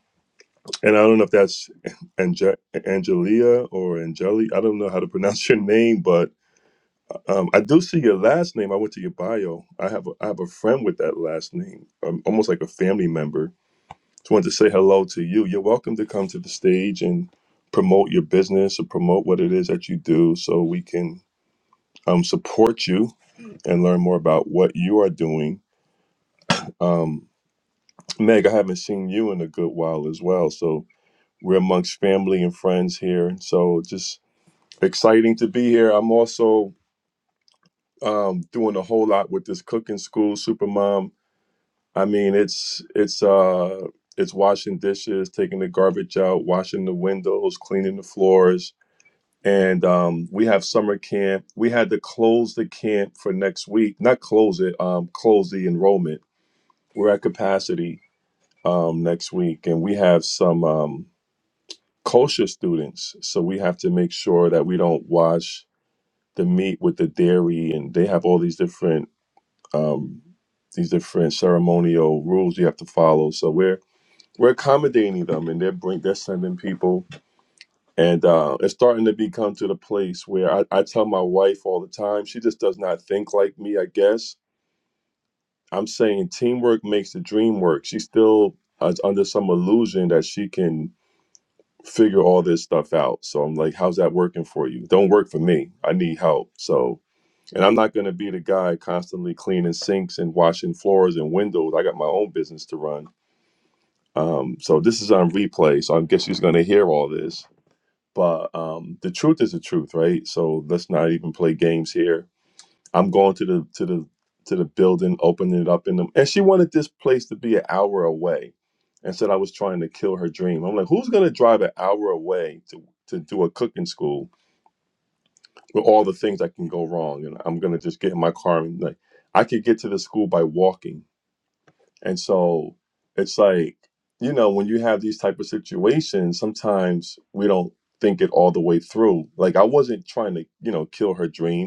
and I don't know if that's Ange- Angelia or Angeli. I don't know how to pronounce your name, but um, I do see your last name. I went to your bio. I have a, I have a friend with that last name, um, almost like a family member. Just wanted to say hello to you. You're welcome to come to the stage and promote your business or promote what it is that you do, so we can um, support you and learn more about what you are doing. Um, Meg, I haven't seen you in a good while as well. So we're amongst family and friends here. So just exciting to be here. I'm also um, doing a whole lot with this cooking school, Supermom. I mean, it's it's uh it's washing dishes, taking the garbage out, washing the windows, cleaning the floors. And um, we have summer camp. We had to close the camp for next week. Not close it, um, close the enrollment. We're at capacity um, next week, and we have some. Um, kosher students, so we have to make sure that we don't wash the meat with the dairy, and they have all these different um, these different ceremonial rules you have to follow. So we're we're accommodating them, and they're bring they're sending people, and uh, it's starting to become to the place where I, I tell my wife all the time, she just does not think like me. I guess I'm saying teamwork makes the dream work. She still is under some illusion that she can figure all this stuff out. So I'm like, how's that working for you? Don't work for me. I need help. So, and I'm not going to be the guy constantly cleaning sinks and washing floors and windows. I got my own business to run. Um, so this is on replay. So I guess she's going to hear all this. But um, the truth is the truth, right? So let's not even play games here I'm going to the to the to the building, opening it up in them. And she wanted this place to be an hour away and said I was trying to kill her dream. I'm like, who's gonna drive an hour away to to do a cooking school with all the things that can go wrong? And I'm gonna just get in my car and like I could get to the school by walking. And so it's like, you know, when you have these type of situations, sometimes we don't think it all the way through. Like I wasn't trying to, you know, kill her dream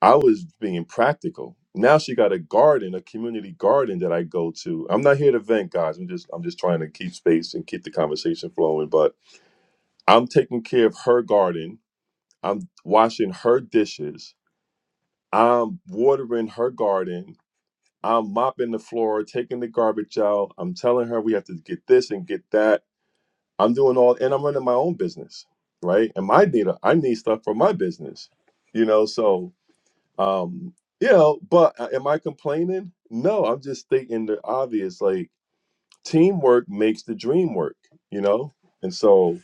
I was being practical. Now she got a garden, a community garden that I go to. I'm not here to vent, guys. I'm just I'm just trying to keep space and keep the conversation flowing. But I'm taking care of her garden. I'm washing her dishes. I'm watering her garden. I'm mopping the floor, taking the garbage out. I'm telling her we have to get this and get that. I'm doing all and I'm running my own business, right? And my need I need stuff for my business. You know, so Um, you know, but uh, am I complaining? No, I'm just stating the obvious. Like teamwork makes the dream work, you know? And so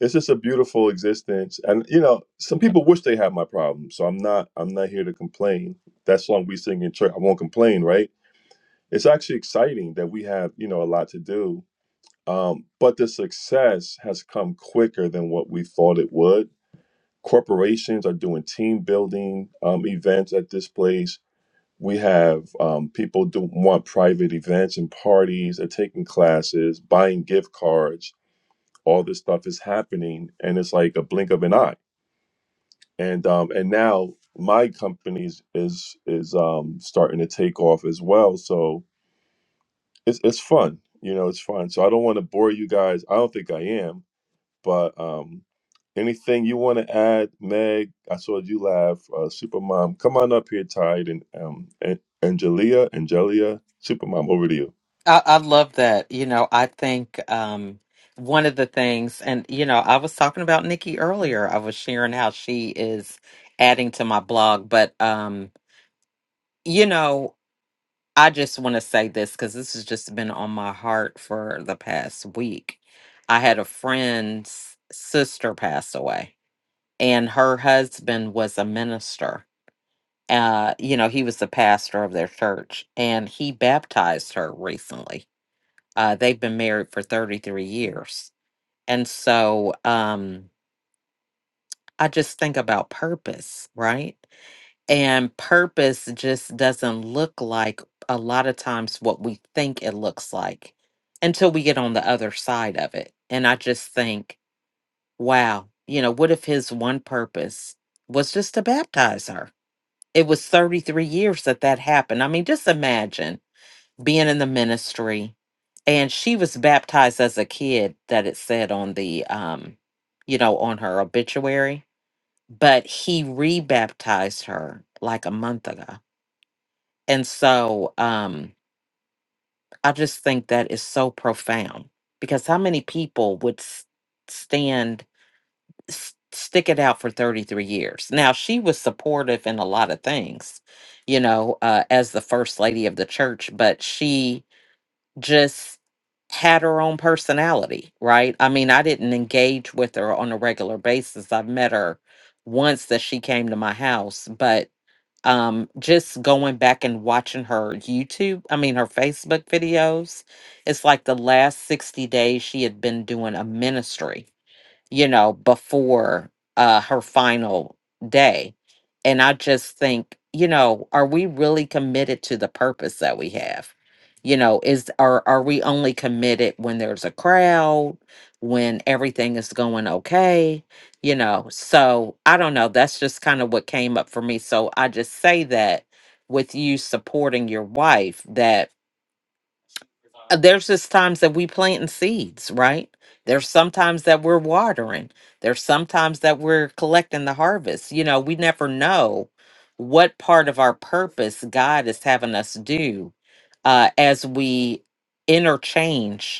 it's just a beautiful existence. And you know, some people wish they had my problem. So I'm not I'm not here to complain. That song we sing in church, I won't complain, right? It's actually exciting that we have, you know, a lot to do. Um, but the success has come quicker than what we thought it would. Corporations are doing team building um, events at this place we have um, people do want private events and parties. They're taking classes, buying gift cards. All this stuff is happening, and it's like a blink of an eye. And um, and now my company is is is, um, starting to take off as well. So it's it's fun, you know, it's fun. So I don't want to bore you guys. I don't think I am but um, anything you want to add, Meg? I saw you laugh. Uh, Supermom, come on up here, Tide, and um, An- Angelia, Angelia, Supermom, over to you.
I, I love that. You know, I think um, one of the things, and you know, I was talking about Nikki earlier. I was sharing how she is adding to my blog, but um, you know. I just want to say this because this has just been on my heart for the past week. I had a friend's sister pass away, and her husband was a minister. Uh, you know, he was the pastor of their church, and he baptized her recently. Uh, they've been married for 33 years. And so um, I just think about purpose, right? And purpose just doesn't look like a lot of times what we think it looks like until we get on the other side of it. And I just think, wow, you know, what if his one purpose was just to baptize her? It was 33 years that that happened. I mean, just imagine being in the ministry and she was baptized as a kid that it said on the um you know on her obituary but he rebaptized her like a month ago and so um, I just think that is so profound because how many people would s- stand, s- stick it out for 33 years? Now, she was supportive in a lot of things, you know, uh, as the first lady of the church, but she just had her own personality, right? I mean, I didn't engage with her on a regular basis. I've met her once that she came to my house, but um just going back and watching her YouTube, I mean her Facebook videos, it's like the last 60 days she had been doing a ministry you know, before uh, her final day. And I just think, you know, are we really committed to the purpose that we have? You know, is are are we only committed when there's a crowd, when everything is going okay? You know, so I don't know. That's just kind of what came up for me. So I just say that with you supporting your wife, that uh, there's just times that we planting seeds, right? There's sometimes that we're watering. There's sometimes that we're collecting the harvest. You know, we never know what part of our purpose God is having us do uh, as we interchange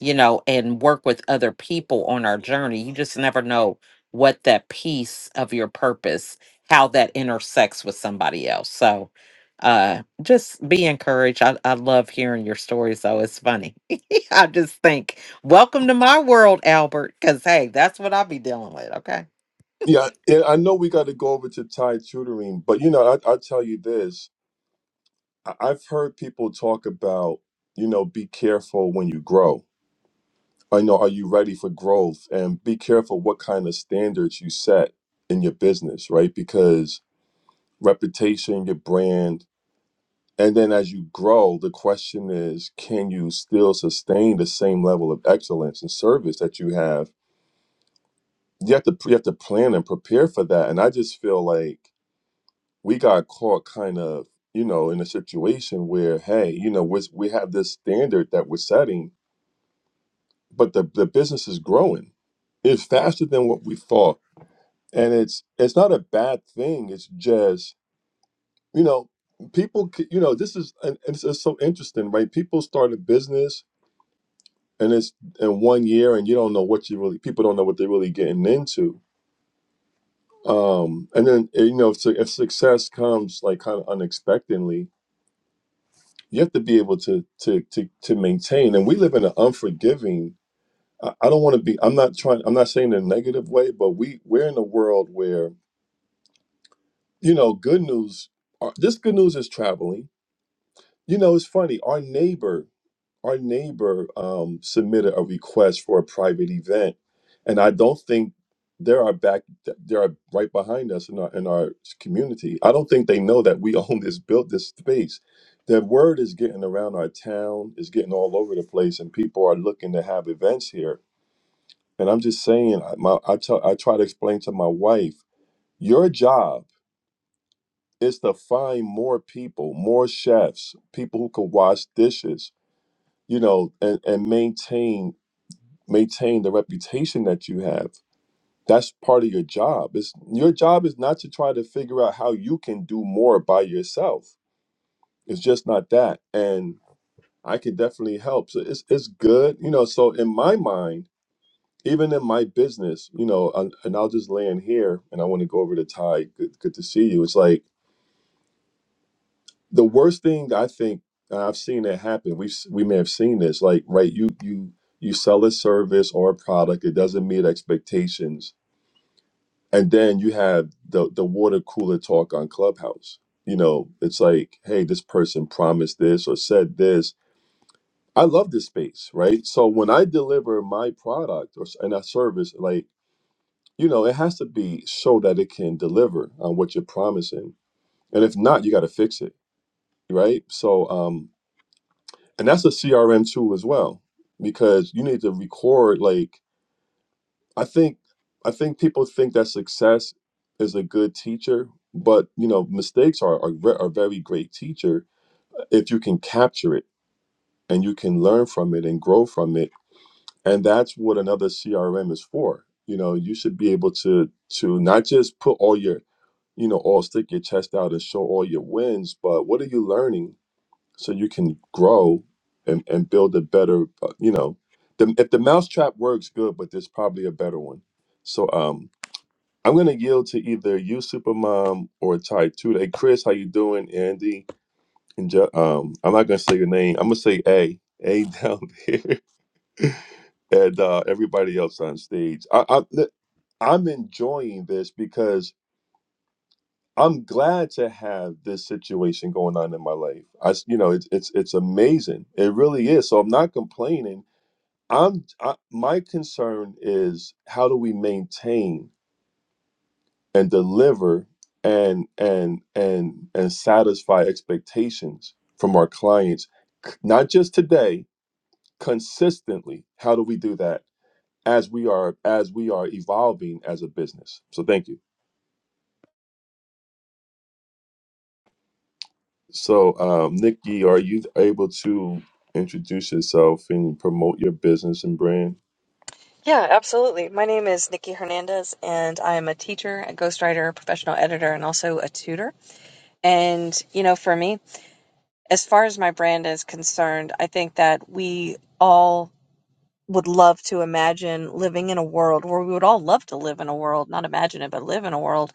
you know, and work with other people on our journey. You just never know what that piece of your purpose, how that intersects with somebody else. So uh just be encouraged. I, I love hearing your stories though. It's funny. I just think, welcome to my world, Albert, because hey, that's what I'll be dealing with. Okay.
Yeah, and I know we got to go over to Tide tutoring, but you know, I, I'll tell you this: I, I've heard people talk about, you know, be careful when you grow. I know, are you ready for growth? And be careful what kind of standards you set in your business, right? Because reputation, your brand, and then as you grow, the question is, can you still sustain the same level of excellence and service that you have? You have to you have to plan and prepare for that. And I just feel like we got caught kind of, you know, in a situation where, hey, you know, we we have this standard that we're setting, but the the business is growing. It's faster than what we thought and it's it's not a bad thing it's just you know people c- you know this is and and it's, it's so interesting right people start a business and it's in one year and you don't know what you really people don't know what they're really getting into um and then eh, you know if, su- if success comes like kind of unexpectedly you have to be able to to to, to maintain and we live in an unforgiving I I don't want to be. I'm not trying. I'm not saying in a negative way, but we we're in a world where you know good news. are- This good news is traveling You know, it's funny. Our neighbor, our neighbor, um, submitted a request for a private event, and I don't think there are back there are right behind us in our in our community. I don't think they know that we own this built this space. That word is getting around our town, is getting all over the place, and people are looking to have events here. And I'm just saying, I- my, I tell, I try to explain to my wife, your job is to find more people, more chefs, people who can wash dishes you know and, and maintain maintain the reputation that you have that's part of your job it's your job is not to try to figure out how you can do more by yourself it's just not that and i can definitely help so it's, it's good you know so in my mind even in my business you know and, and i'll just land here and i want to go over to ty good, good to see you it's like the worst thing I think and I've seen it happen. We've s- we may have seen this. Like right, you you you sell a service or a product, it doesn't meet expectations, and then you have the the water cooler talk on Clubhouse. You know, it's like, hey, this person promised this or said this. I love this space, right? So when I deliver my product or s- and a service, like you know, it has to be so that it can deliver on what you're promising. And if not, you got to fix it, right? So um, and that's a crm tool as well because you need to record like i think i think people think that success is a good teacher but you know mistakes are are ve- are very great teacher uh, if you can capture it and you can learn from it and grow from it and that's what another crm is for you know you should be able to to not just put all your you know all stick your chest out and show all your wins but what are you learning so you can grow and, and build a better uh, you know the, if the mousetrap works good but there's probably a better one so um i'm going to yield to either you supermom or ty two hey chris how you doing andy and Je- um i'm not going to say your name i'm going to say a a down there and uh everybody else on stage i, I i'm enjoying this because I'm glad to have this situation going on in my life. I, s- you know, it's it's it's amazing. It really is. So I'm not complaining. I'm I, my concern is how do we maintain and deliver and and and and satisfy expectations from our clients, not just today, consistently. How do we do that as we are as we are evolving as a business? So thank you. So, um, Nikki, are you able to introduce yourself and promote your business and brand?
Yeah, absolutely. My name is Nikki Hernandez, and I am a teacher, a ghostwriter, professional editor, and also a tutor. And, you know, for me, as far as my brand is concerned, I think that we all would love to imagine living in a world where we would all love to live in a world, not imagine it, but live in a world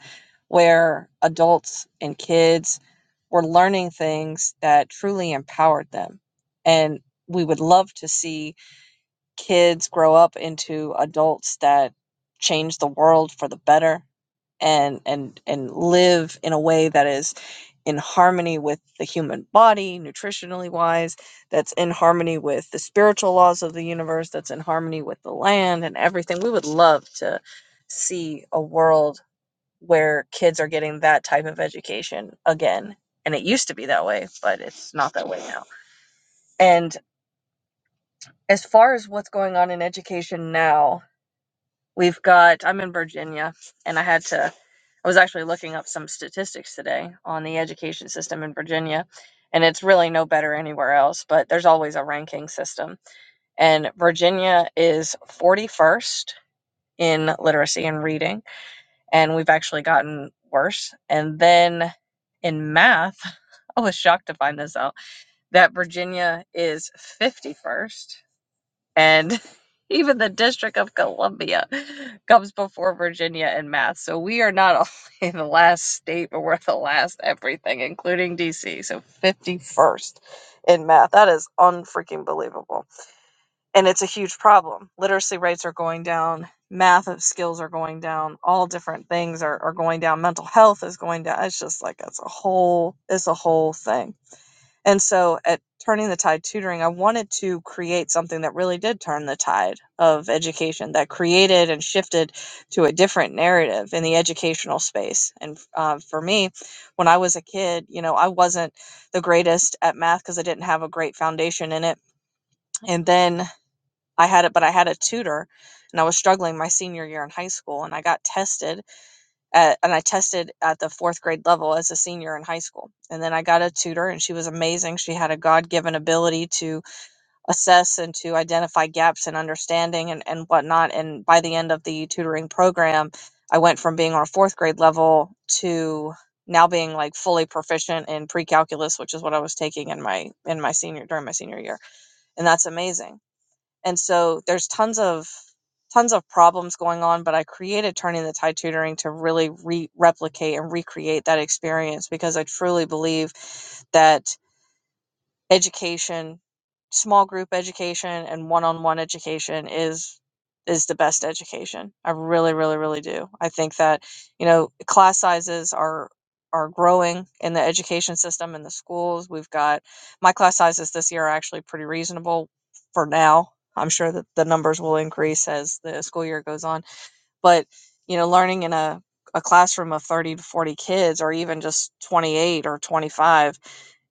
where adults and kids were learning things that truly empowered them. And we would love to see kids grow up into adults that change the world for the better and and and live in a way that is in harmony with the human body nutritionally wise that's in harmony with the spiritual laws of the universe that's in harmony with the land and everything we would love to see a world where kids are getting that type of education again and it used to be that way but it's not that way now and as far as what's going on in education now We've got, I'm in Virginia, and I had to, I was actually looking up some statistics today on the education system in Virginia, and it's really no better anywhere else, but there's always a ranking system. And Virginia is 41st in literacy and reading, and we've actually gotten worse. And then in math, I was shocked to find this out that Virginia is 51st and even the District of Columbia comes before Virginia in math. So we are not only the last state, but we're the last everything, including DC. So 51st in math. That is unfreaking believable. And it's a huge problem. Literacy rates are going down, math skills are going down, all different things are, are going down. Mental health is going down. It's just like it's a whole it's a whole thing and so at Turning the Tide Tutoring, I wanted to create something that really did turn the tide of education, that created and shifted to a different narrative in the educational space. And uh, for me, when I was a kid, you know, I wasn't the greatest at math because I didn't have a great foundation in it. And then I had it, but I had a tutor and I was struggling my senior year in high school and I got tested at, and I tested at the fourth grade level as a senior in high school. And then I got a tutor, and she was amazing. She had a God given ability to assess and to identify gaps in understanding and, and whatnot. And by the end of the tutoring program, I went from being on a fourth grade level to now being like fully proficient in pre-calculus which is what i was taking in my in my senior during my senior year and that's amazing and so there's tons of tons of problems going on but i created turning the tide tutoring to really re- replicate and recreate that experience because i truly believe that education, small group education and one-on-one education is is the best education. I really really really do. I think that, you know, class sizes are are growing in the education system in the schools. We've got my class sizes this year are actually pretty reasonable for now. I'm sure that the numbers will increase as the school year goes on, but you know, learning in a a classroom of 30 to 40 kids or even just 28 or 25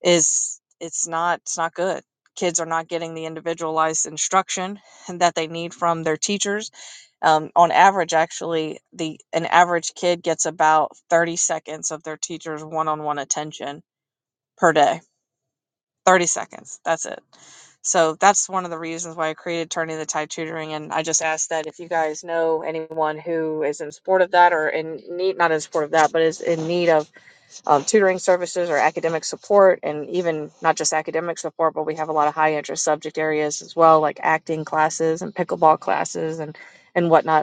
is it's not it's not good kids are not getting the individualized instruction that they need from their teachers um, on average actually the an average kid gets about 30 seconds of their teacher's one-on-one attention per day 30 seconds that's it so that's one of the reasons why i created turning the tide tutoring and i just asked that if you guys know anyone who is in support of that or in need not in support of that but is in need of um, tutoring services or academic support, and even not just academic support, but we have a lot of high interest subject areas as well, like acting classes and pickleball classes and and whatnot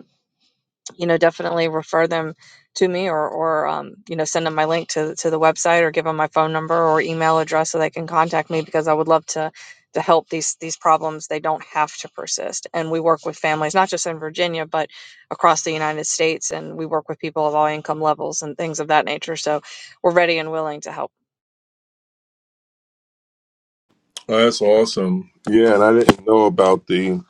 you know, definitely refer them to me or, or um, you know, send them my link to, to the website or give them my phone number or email address so they can contact me because I would love to to help these these problems. They don't have to persist. And we work with families, not just in Virginia, but across the United States. And we work with people of all income levels and things of that nature. So we're ready and willing to help.
Oh, that's awesome. Yeah, and I didn't know about the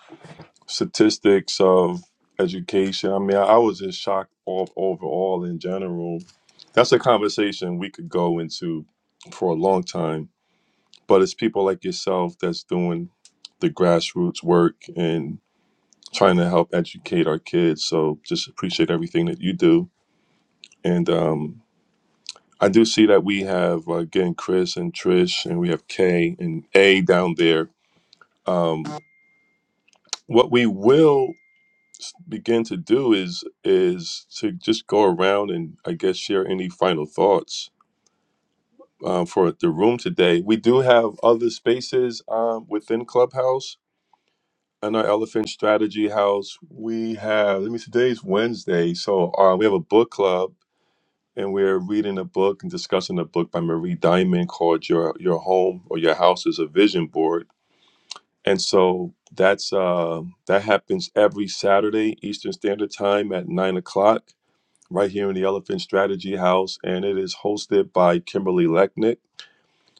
statistics of education. I mean, I was just shocked all, overall in general. That's a conversation we could go into for a long time, but it's people like yourself that's doing the grassroots work and trying to help educate our kids. So just appreciate everything that you do. And um, I do see that we have uh, again Chris and Trish, and we have Kay and A down there. Um, what we will begin to do is is to just go around and I guess share any final thoughts um, for the room today. We do have other spaces um, within Clubhouse and our Elephant Strategy House. We have. Let me. Today's Wednesday, so uh, we have a book club and we're reading a book and discussing a book by Marie Diamond called "Your Your Home or Your House is a Vision Board." And so that's uh, that happens every Saturday Eastern Standard Time at nine o'clock, right here in the Elephant Strategy House, and it is hosted by Kimberly Lechnick.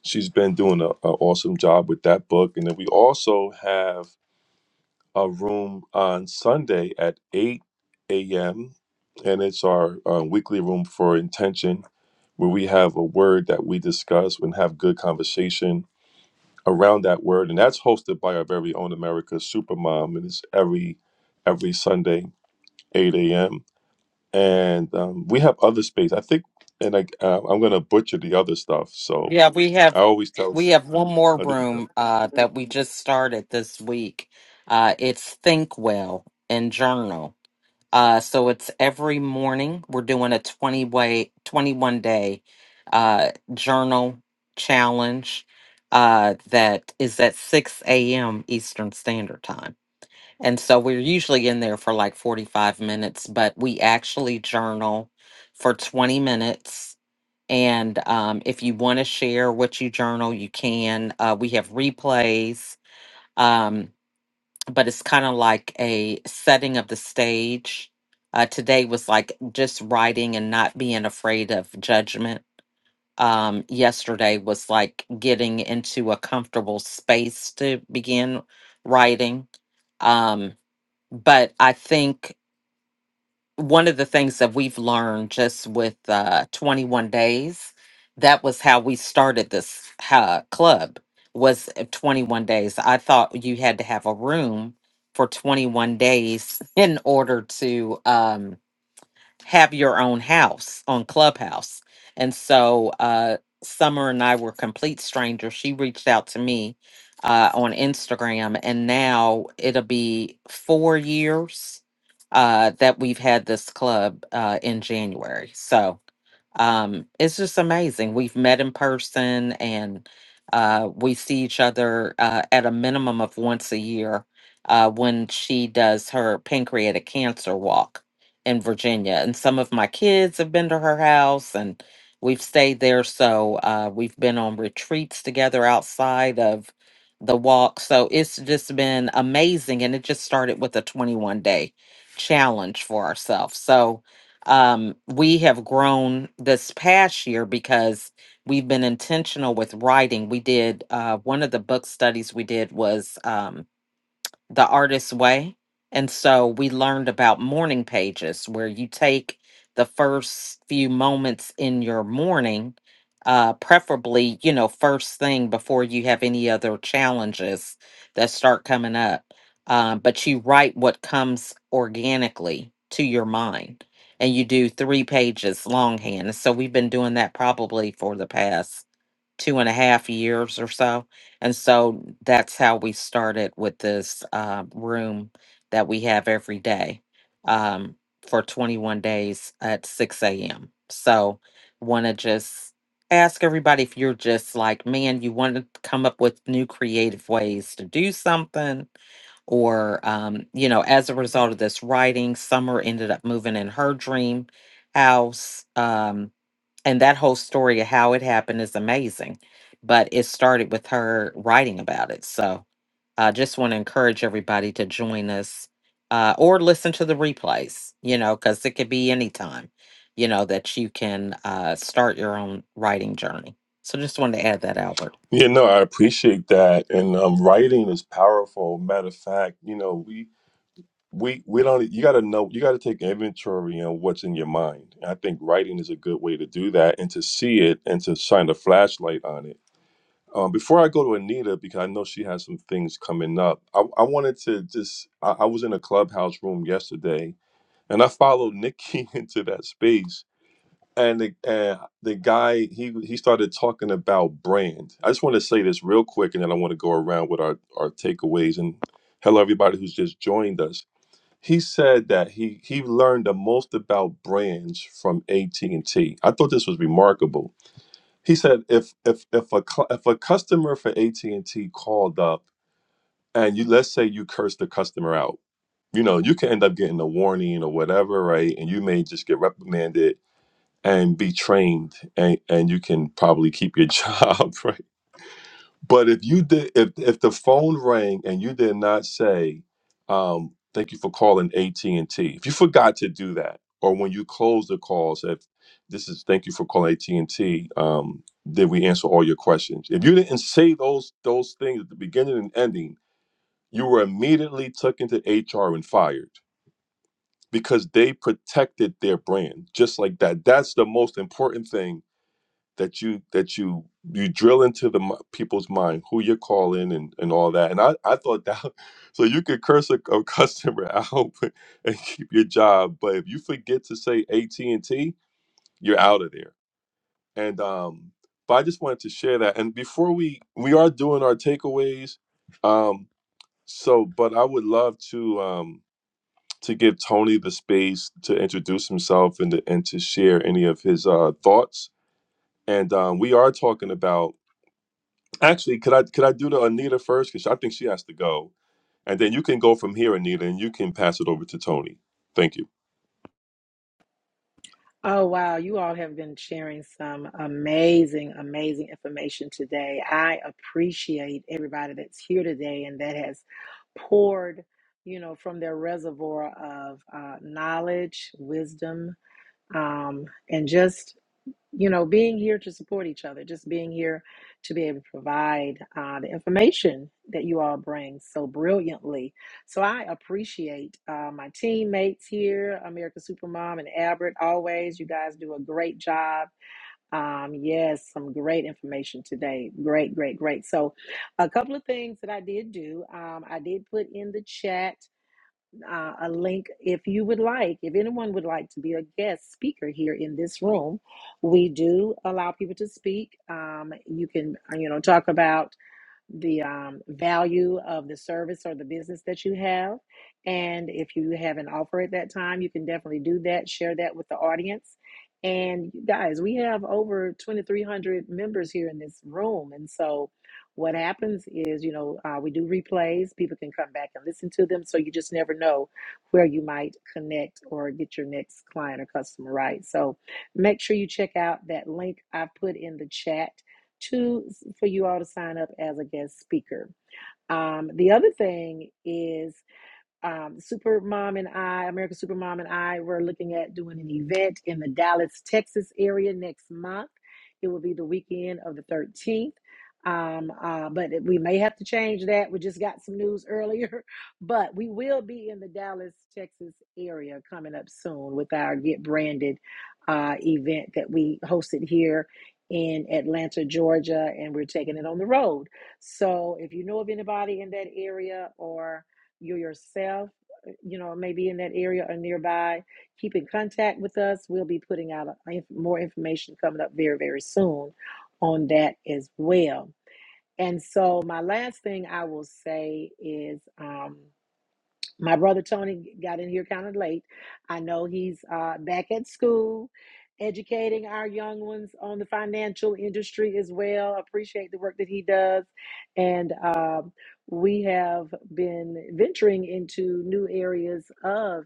She's been doing an awesome job with that book, and then we also have a room on Sunday at eight a.m. and it's our uh, weekly room for intention where we have a word that we discuss and have good conversation around that word. And that's hosted by our very own America Supermom. And it's every every Sunday, 8 a.m. And um, we have other space. I think, and I, uh, I'm going to butcher the other stuff. So
Yeah, we
I
have
always tell,
we have one more
I think,
room uh that we just started this week. Uh it's Think Well and Journal Uh, so it's every morning we're doing a 20 way, 21 day uh, journal challenge uh, that is at 6 a.m. Eastern Standard Time. And so we're usually in there for like 45 minutes, but we actually journal for 20 minutes. And um, if you want to share what you journal, you can. Uh, we have replays. Um, but it's kind of like a setting of the stage. Uh, today was like just writing and not being afraid of judgment. Um, yesterday was like getting into a comfortable space to begin writing. Um, but I think one of the things that we've learned just with uh, 21 days that was how we started this uh, club was uh, 21 days i thought you had to have a room for 21 days in order to um, have your own house on Clubhouse. And so uh, Summer and I were complete strangers. She reached out to me uh, on Instagram, and now it'll be four years uh, that we've had this club uh, in January. So um, it's just amazing. We've met in person and uh, we see each other uh, at a minimum of once a year uh, when she does her pancreatic cancer walk in Virginia. And some of my kids have been to her house and we've stayed there. So uh, we've been on retreats together outside of the walk. So it's just been amazing. And it just started with a 21 day challenge for ourselves. So, um, we have grown this past year because we've been intentional with writing. We did uh, one of the book studies we did was um, the artist's way. And so we learned about morning pages where you take the first few moments in your morning, uh, preferably, you know, first thing before you have any other challenges that start coming up. Um, but you write what comes organically to your mind and you do three pages longhand. So we've been doing that probably for the past two and a half years or so. And so that's how we started with this uh, room that we have every day um, for 21 days at 6 a.m. So, want to just ask everybody if you're just like, man, you want to come up with new creative ways to do something or um, you know as a result of this writing summer ended up moving in her dream house Um, and that whole story of how it happened is amazing but it started with her writing about it so i just want to encourage everybody to join us uh, or listen to the replays you know because it could be any time you know that you can uh, start your own writing journey so just wanted to add that albert
yeah, no, I appreciate that. And um, writing is powerful. Matter of fact, you know, we we we don't you got to know you got to take inventory on what's in your mind and i think writing is a good way to do that and to see it and to shine a flashlight on it um, before i go to anita because i know she has some things coming up i, I wanted to just I, I was in a clubhouse room yesterday and i followed nikki into that space and the, and the guy he he started talking about brand i just want to say this real quick and then i want to go around with our our takeaways and hello everybody who's just joined us he said that he he learned the most about brands from at and T. I thought this was remarkable. He said if if if a cl- if a customer for AT&T called up and you let's say you curse the customer out, you know, you can end up getting a warning or whatever, right? And you may just get reprimanded and be trained and and you can probably keep your job, but if you did, if if the phone rang and you did not say, um, "Thank you for calling AT and T," if you forgot to do that, or when you close the call, said, "This is thank you for calling AT and T," um, did we answer all your questions? If you didn't say those those things at the beginning and ending, you were immediately took into HR and fired because they protected their brand just like that. That's the most important thing that you that you you drill into the mi- people's mind who you're calling and and all that. And I I thought that so you could curse a, a customer out and keep your job, but if you forget to say AT and T, you're out of there. And um, but I just wanted to share that. And before we we are doing our takeaways, um, so but I would love to um to give Tony the space to introduce himself and to, and to share any of his uh thoughts. And um, we are talking about Actually, could I could I do the Anita first? Because I think she has to go, and then you can go from here, Anita, and you can pass it over to Tony. Thank you.
Oh, wow. You all have been sharing some amazing, amazing information today. I appreciate everybody that's here today and that has poured, you know, from their reservoir of uh, knowledge, wisdom, um, and just you know, being here to support each other, just being here to be able to provide uh, the information that you all bring so brilliantly. So I appreciate uh, my teammates here, America Supermom and Albert. Always, you guys do a great job. Um, yes, some great information today. Great, great, great. So, a couple of things that I did do. Um, I did put in the chat uh, a link if you would like, if anyone would like to be a guest speaker here in this room. We do allow people to speak. Um, you can, uh, you know, talk about the um, value of the service or the business that you have. And if you have an offer at that time, you can definitely do that, share that with the audience. And you guys, we have over 2,300 members here in this room. And so what happens is, you know, uh, we do replays. People can come back and listen to them. So you just never know where you might connect or get your next client or customer right. So make sure you check out that link I put in the chat to for you all to sign up as a guest speaker. Um, the other thing is um, Super Mom and I, American Super Mom and I, we're looking at doing an event in the Dallas, Texas area next month. It will be the weekend of the 13th. Um, uh, but it- we may have to change that. We just got some news earlier, but we will be in the Dallas, Texas area coming up soon with our Get Branded uh, event that we hosted here in Atlanta, Georgia, and we're taking it on the road. So if you know of anybody in that area or you yourself, uh, you know, maybe in that area or nearby, keep in contact with us. We'll be putting out a, more information coming up very, very soon on that as well. And so, my last thing I will say is. Um, my brother Tony got in here kind of late. I know he's uh, back at school, educating our young ones on the financial industry as well. Appreciate the work that he does, and um, we have been venturing into new areas of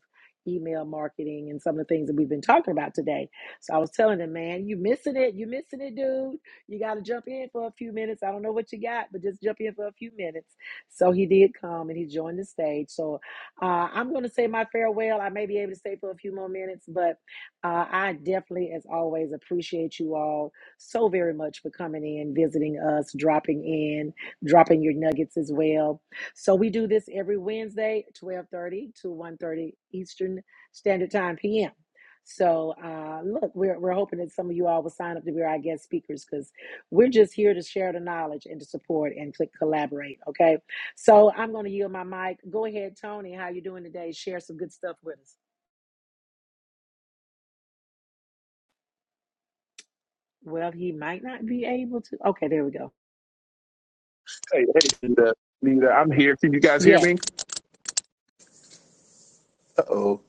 email marketing and some of the things that we've been talking about today. So I was telling him, man, you missing it, you missing it, dude. You got to jump in for a few minutes. I don't know what you got, but just jump in for a few minutes. So he did come and he joined the stage. So uh, I'm going to say my farewell. I may be able to stay for a few more minutes, but uh, I definitely, as always, appreciate you all so very much for coming in, visiting us, dropping in, dropping your nuggets as well. So we do this every Wednesday, 12:30 to 1:30 Eastern Standard Time p.m. So uh, look, we're we're hoping that some of you all will sign up to be our guest speakers because we're just here to share the knowledge and to support and to collaborate. Okay. So I'm going to yield my mic. Go ahead, Tony. How you doing today? Share some good stuff with us. Well, he might not be able to. Okay, there we go.
Hey, hey, Nita, Nita, I'm here. Can you guys hear
Yes,
me? Uh-oh.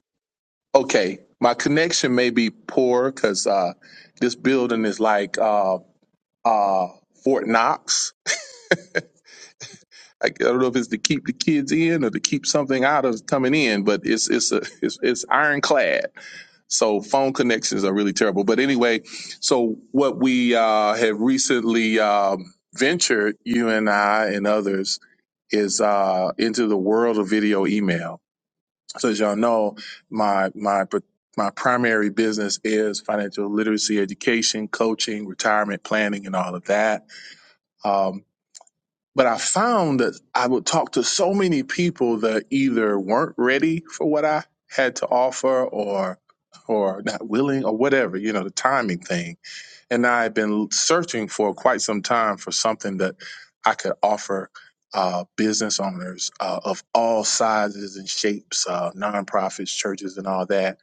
Okay. My connection may be poor because uh, this building is like uh, uh, Fort Knox. I I don't know if it's to keep the kids in or to keep something out of coming in, but it's it's a, it's, it's ironclad. So phone connections are really terrible. But anyway, so what we uh, have recently um, ventured, you and I and others, is uh, into the world of video email So as y'all know, my my my primary business is financial literacy education, coaching, retirement planning, and all of that. Um, but I found that I would talk to so many people that either weren't ready for what I had to offer, or or not willing, or whatever. You know, the timing thing and i had been searching for quite some time for something that I could offer uh, business owners uh, of all sizes and shapes, uh, nonprofits, churches, and all that.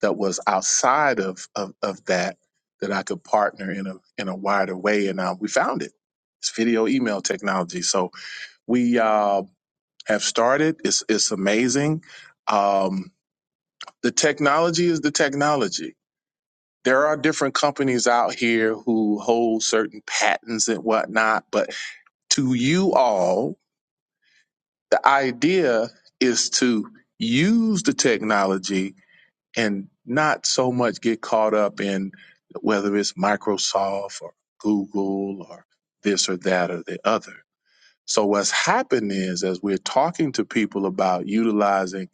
That was outside of of, of that that I could partner in a in a wider way, and uh, we found it. It's video email technology. So we uh, have started. It's it's amazing. Um, the technology is the technology there are different companies out here who hold certain patents and whatnot, but to you all, the idea is to use the technology and not so much get caught up in whether it's Microsoft or Google or this or that or the other. So what's happened is as we're talking to people about utilizing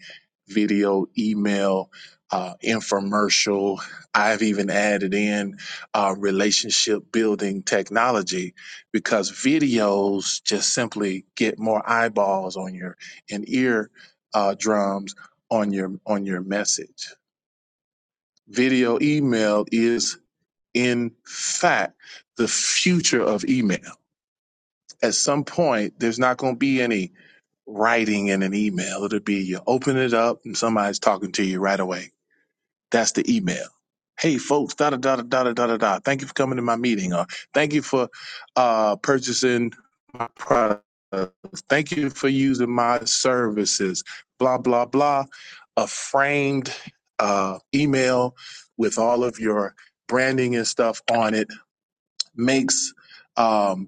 video, email, uh, infomercial, I've even added in uh, relationship building technology because videos just simply get more eyeballs on your and ear uh, drums on your on your message. Video email is in fact the future of email. At some point, there's not going to be any writing in an email. It'll be you open it up and somebody's talking to you right away. That's the email. Hey folks, da da da da da da da da. Thank you for coming to my meeting, or thank you for uh, purchasing my product. Thank you for using my services. Blah blah blah. A framed uh, email with all of your branding and stuff on it makes. um,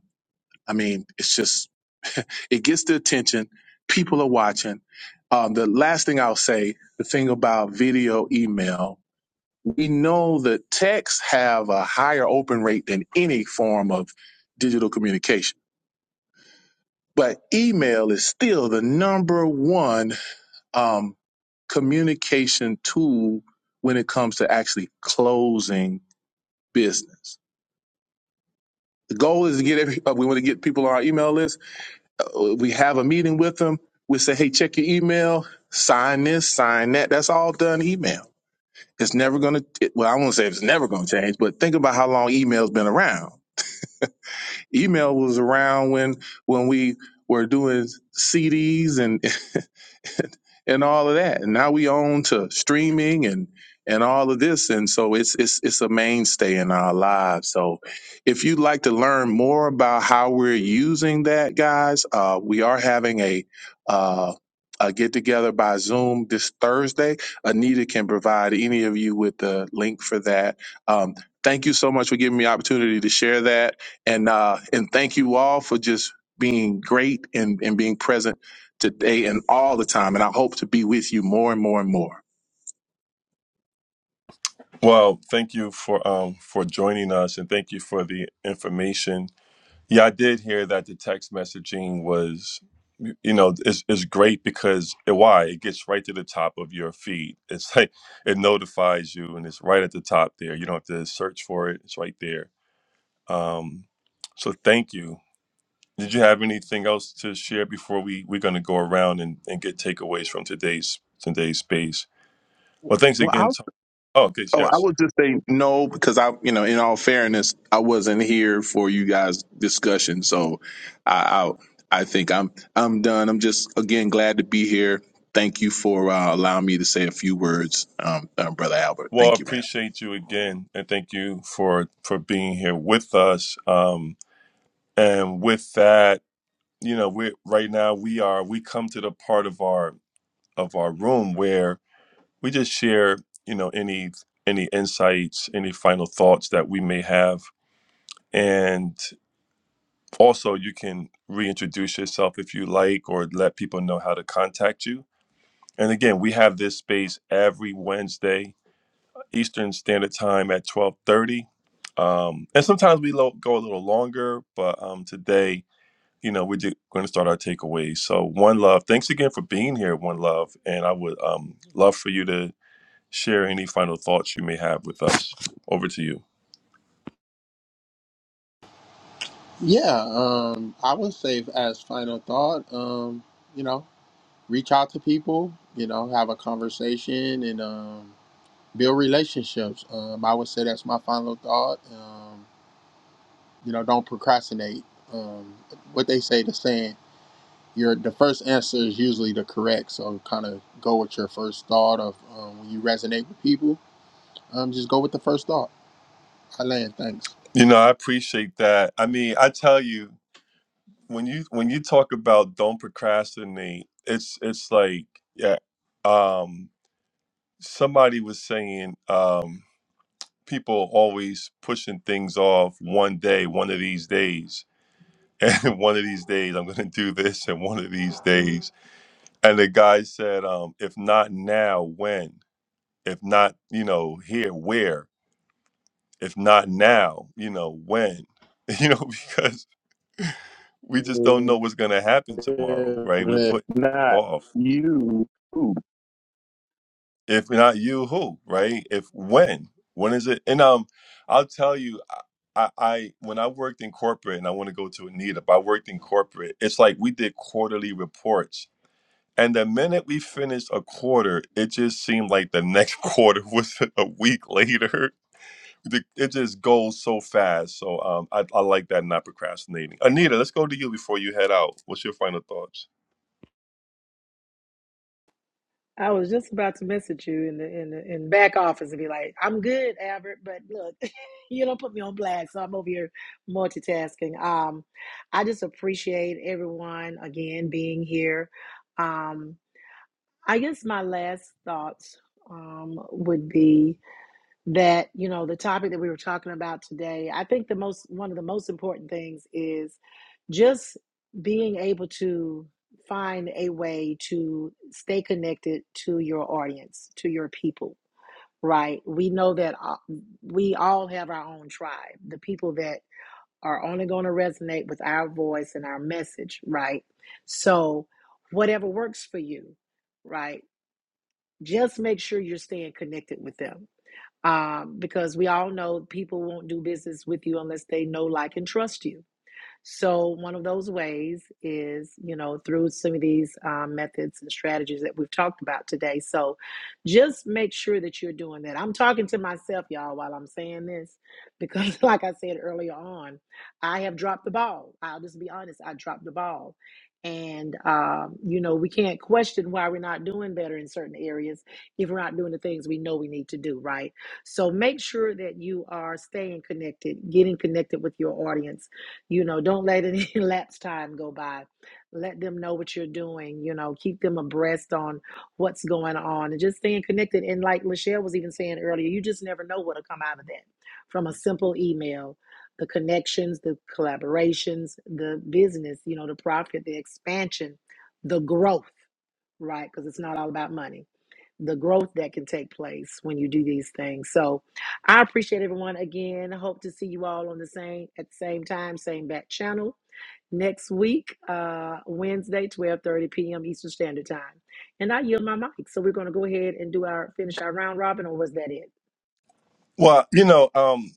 I mean, it's just it gets the attention. People are watching. Um, the last thing I'll say, the thing about video email, we know that texts have a higher open rate than any form of digital communication, but email is still the number one um, communication tool when it comes to actually closing business. The goal is to get every, uh, we want to get people on our email list Uh, We have a meeting with them. We say, hey, check your email, sign this, sign that. That's all done email. It's never going to, well, I won't say it's never going to change, but think about how long email's been around. Email was around when, when we were doing CDs and and all of that. And now we own to streaming and and all of this, and so it's it's it's a mainstay in our lives. So, if you'd like to learn more about how we're using that, guys, uh, we are having a. Uh, a get together by Zoom this Thursday. Anita can provide any of you with the link for that. Um, thank you so much for giving me the opportunity to share that, and uh, and thank you all for just being great and, and being present today and all the time. And I hope to be with you more and more and more.
Well, thank you for um for joining us and thank you for the information. Yeah, I did hear that the text messaging was you know, is is great because it, why? It gets right to the top of your feed. It's like it notifies you and it's right at the top there. You don't have to search for it. It's right there. Um so thank you. Did you have anything else to share before we we're going to go around and, and get takeaways from today's today's space? Well, thanks
Well, I
again. To, oh, okay,
oh, I
yes.
would just say no because I, you know, in all fairness, I wasn't here for you guys' discussion, so I I, I think I'm I'm done. I'm just again glad to be here. Thank you for uh, allowing me to say a few words, um, um, brother Albert.
Well, I
Thank you, man.
appreciate you again, and thank you for for being here with us. Um, and with that, you know, we right now we are we come to the part of our of our room where we just share, you know, any any insights, any final thoughts that we may have, and. also you can reintroduce yourself if you like or let people know how to contact you and again we have this space every wednesday eastern standard time at 12.30 um, and sometimes we lo- go a little longer but um, today you know we're going to start our takeaways so one love thanks again for being here one love and i would um, love for you to share any final thoughts you may have with us over to you
Yeah, um, I would say as final thought, um, you know, reach out to people, you know, have a conversation and um, build relationships. Um, I would say that's my final thought. Um, You know, don't procrastinate. Um, what they say, the saying, your the first answer is usually the correct. So kind of go with your first thought of um, when you resonate with people. Um, just go with the first thought. I land. Thanks.
You know, I appreciate that. I mean, I tell you, when you when you talk about don't procrastinate, it's it's like yeah. Um, somebody was saying um, people always pushing things off one day, one of these days, and one of these days I'm going to do this, and one of these days. And the guy said, um, if not now, when? If not, you know, here, where? If not now, you know, when? You know, because. we just don't know what's going to happen tomorrow, right? We put off. If not you, who, right? If when, when is it? And um, I'll tell you, I, I when I worked in corporate, and I want to go to Anita, but I worked in corporate. It's like we did quarterly reports, and the minute we finished a quarter, it just seemed like the next quarter was a week later. the, it just goes so fast. So um, I, I like that not procrastinating. Anita, let's go to you before you head out. What's your final thoughts?
I was just about to message you in the in the in back office and be like, "I'm good, Albert," but look, you don't put me on blast, so I'm over here multitasking. Um, I just appreciate everyone again being here. Um, I guess my last thoughts um would be that you know the topic that we were talking about today i think the most one of the most important things is just being able to find a way to stay connected to your audience to your people right we know that uh, we all have our own tribe the people that are only going to resonate with our voice and our message right so whatever works for you right just make sure you're staying connected with them um, because we all know people won't do business with you unless they know, like, and trust you. So, one of those ways is, you know, through some of these um, methods and strategies that we've talked about today. So, just make sure that you're doing that. I'm talking to myself, y'all, while I'm saying this, because, like I said earlier on, I have dropped the ball. I'll just be honest, I dropped the ball. And, um, you know, we can't question why we're not doing better in certain areas if we're not doing the things we know we need to do, right? So, make sure that you are staying connected, getting connected with your audience you know, don't let any lapse time go by. Let them know what you're doing. You know, keep them abreast on what's going on and just staying connected. And like Lachelle was even saying earlier, you just never know what'll come out of that from a simple email. The connections, the collaborations, the business, you know, the profit, the expansion, the growth, right? Because it's not all about money the growth that can take place when you do these things. So I appreciate everyone again. I hope to see you all on the same at the same time, same back channel next week, uh, Wednesday, 12:30 p.m. Eastern Standard Time. And I yield my mic. So we're gonna go ahead and do our finish our round robin, or was that it?
Well, you know, um,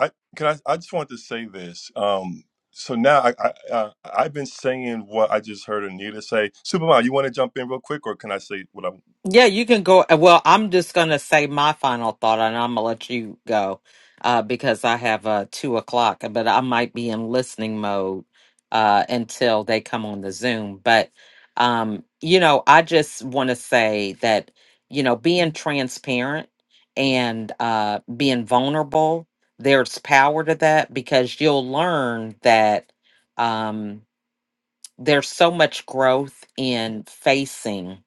I can I, I just wanted to say this. Um, so now I, I uh, I've been saying what I just heard Anita say. Superman, you want to jump in real quick, or can I say what I'm?
Yeah, you can go. uh, Well, I'm just going to say my final thought and I'm going to let you go uh, because I have uh, two o'clock, but I might be in listening mode uh, until they come on the Zoom. But, um, you know, I just want to say that, you know, being transparent and uh, being vulnerable, there's power to that because you'll learn that. Um, there's so much growth in facing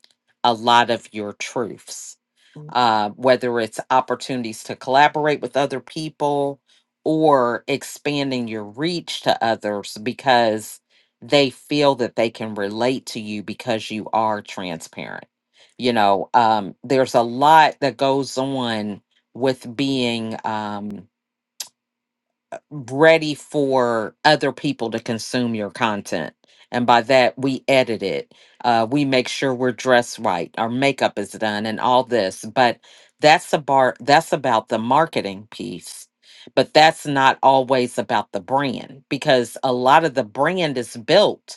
a lot of your truths, Mhm. uh, whether it's opportunities to collaborate with other people or expanding your reach to others because they feel that they can relate to you because you are transparent. You know, um, there's a lot that goes on with being. Um, ready for other people to consume your content. And by that, we edit it. Uh, we make sure we're dressed right. Our makeup is done and all this. But that's a bar. that's about the marketing piece. But that's not always about the brand because a lot of the brand is built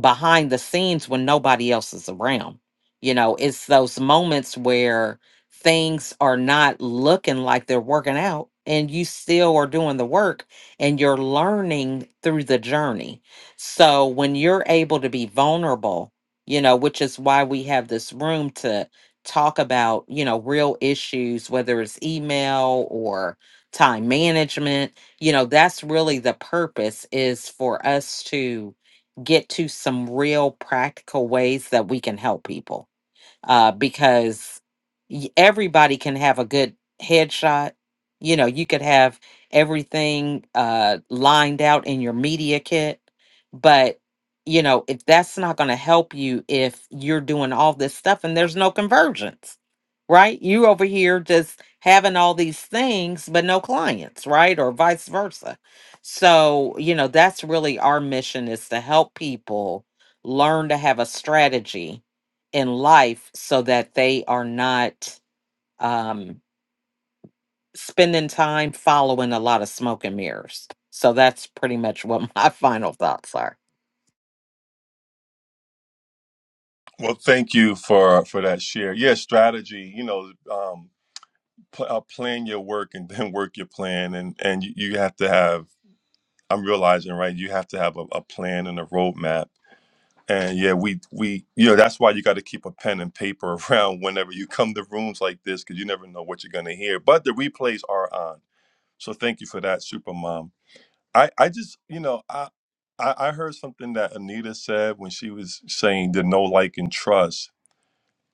behind the scenes when nobody else is around. You know, it's those moments where things are not looking like they're working out and you still are doing the work and you're learning through the journey. So when you're able to be vulnerable, you know, which is why we have this room to talk about, you know, real issues, whether it's email or time management, you know, that's really the purpose is for us to get to some real practical ways that we can help people uh, because y- everybody can have a good headshot. You know, you could have everything uh, lined out in your media kit, but you know, if that's not going to help you if you're doing all this stuff and there's no conversions, right? You over here just having all these things, but no clients, right? Or vice versa. So, you know, that's really our mission is to help people learn to have a strategy in life so that they are not um, spending time following a lot of smoke and mirrors. So that's pretty much what my final thoughts are.
Well, thank you for for that share. Yeah, strategy. You know, um, pl- uh, plan your work and then work your plan and and you, you have to have i'm realizing right you have to have a, a plan and a roadmap and yeah we we you know that's why you got to keep a pen and paper around whenever you come to rooms like this because you never know what you're going to hear but the replays are on so thank you for that super mom i i just you know i i, I heard something that anita said when she was saying the no like and trust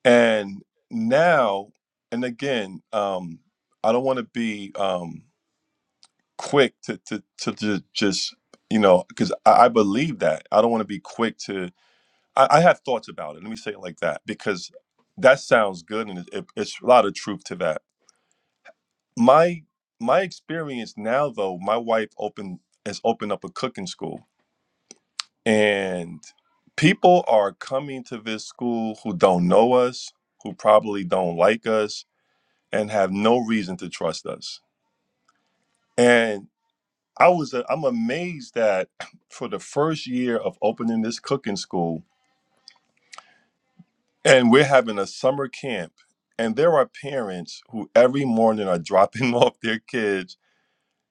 and now and again um I don't want to be. um. quick to to to, ju- just you know because I, I believe that I don't want to be quick to I, I have thoughts about it. Let me say it like that because that sounds good and it, it, it's a lot of truth to that. My my experience now though, my wife opened has opened up a cooking school and people are coming to this school who don't know us, who probably don't like us, and have no reason to trust us. And I was i am amazed that for the first year of opening this cooking school, and we're having a summer camp, and there are parents who every morning are dropping off their kids,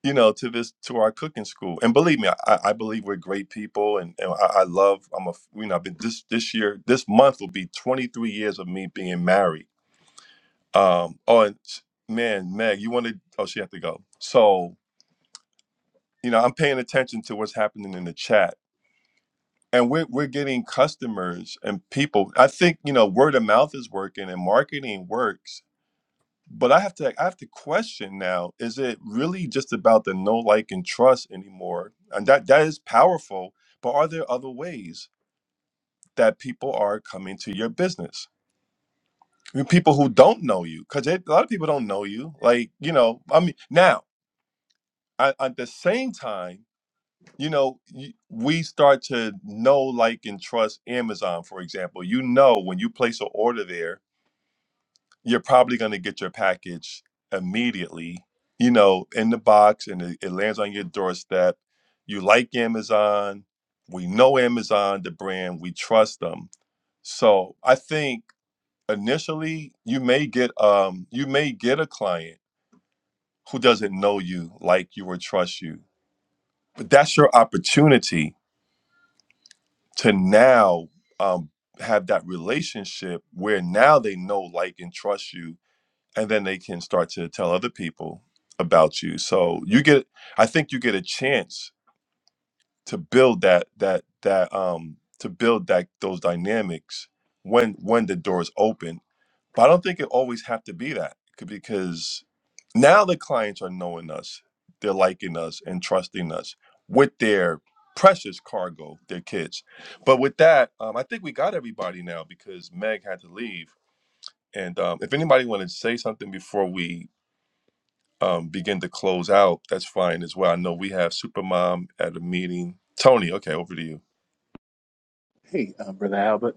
you know, to this to our cooking school. And believe me, I, I believe we're great people, and, and I, I love. I'm a you know, I've been this this year, this month will be 23 years of me being married. Um, oh, and s- man, Meg, you want to? Oh, she had to go. So you know, I'm paying attention to what's happening in the chat and we're we're getting customers and people. I think you know word of mouth is working and marketing works, but I have to I have to question now: is it really just about the know, like and trust anymore? And that that is powerful, but are there other ways that people are coming to your business? I mean, people who don't know you, because a lot of people don't know you. Like you know, I mean, now I, at the same time. you know, you, we start to know, like, and trust Amazon, for example. You know, when you place an order there, you're probably going to get your package immediately, you know, in the box and it, it lands on your doorstep. You like Amazon. We know Amazon, the brand, we trust them. So I think initially you may get um you may get a client who doesn't know you like you or trust you but that's your opportunity to now um, have that relationship where now they know, like, and trust you, and then they can start to tell other people about you. So you get, I think you get a chance to build that that that um to build that those dynamics when when the door is open but I don't think it always have to be that c- because now the clients are knowing us, they're liking us and trusting us with their precious cargo, their kids. But with that, um, I think we got everybody now because Meg had to leave. And um, if anybody wanted to say something before we um, begin to close out, that's fine as well. I know we have Supermom at a meeting. Tony, okay, over to you.
Hey, um, brother Albert.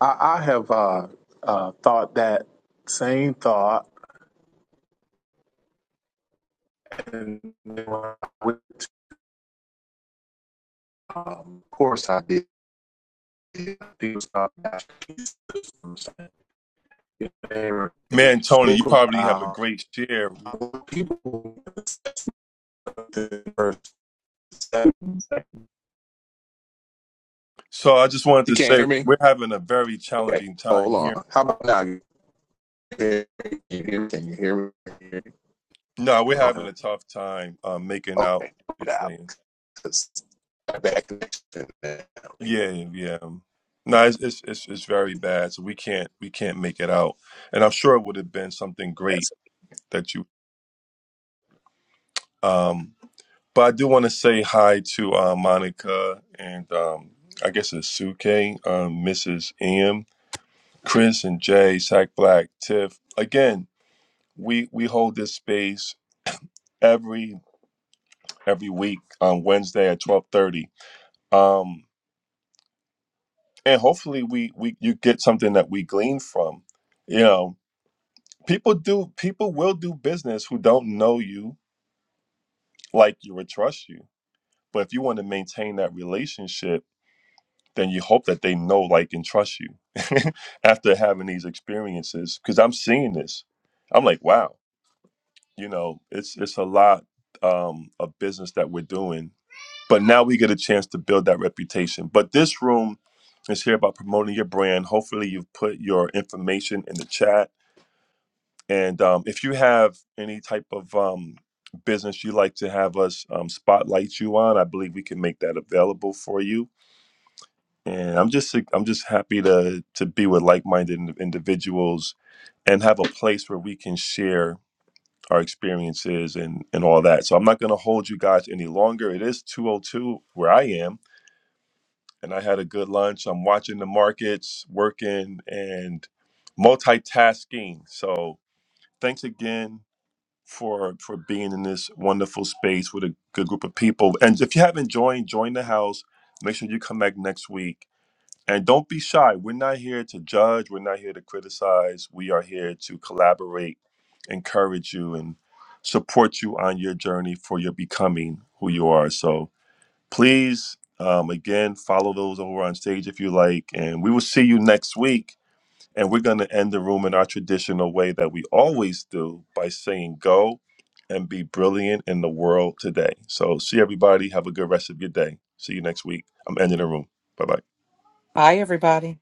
I, I have uh, uh, thought that same thought
Man, Tony, you probably have a great share. So I just wanted to say we're having a very challenging time here. No, we're having a tough time um, making out what you're saying. Yeah, yeah. yeah. No, it's, it's it's it's very bad. So we can't we can't make it out. And I'm sure it would have been something great that you. Um, but I do want to say hi to uh, Monica and um, I guess it's Suke, um, Mrs. M, Chris and Jay, Sack Black, Tiff. Again, we we hold this space every every week on Wednesday at twelve thirty. Um, and hopefully we we you get something that we glean from you know people do people will do business who don't know you like you or trust you but if you want to maintain that relationship then you hope that they know like and trust you after having these experiences because i'm seeing this i'm like wow you know it's it's a lot um of business that we're doing But now we get a chance to build that reputation. But this room is here about promoting your brand. Hopefully, you've put your information in the chat. And um, if you have any type of um, business you'd like to have us um, spotlight you on, I believe we can make that available for you. And I'm just I'm just happy to to be with like-minded in- individuals and have a place where we can share our experiences and and all that. So I'm not going to hold you guys any longer. It is 202 where I am and I had a good lunch. I'm watching the markets, working, and multitasking. So thanks again for for being in this wonderful space with a good group of people. And if you haven't joined, join the house. Make sure you come back next week. And don't be shy. We're not here to judge. We're not here to criticize. We are here to collaborate, encourage you, and support you on your journey for your becoming who you are. So Please, um, again, follow those over on stage if you like. And we will see you next week. And we're going to end the room in our traditional way that we always do by saying, Go and be brilliant in the world today. So, see everybody. Have a good rest of your day. See you next week. I'm ending the room. Bye bye.
Bye, everybody.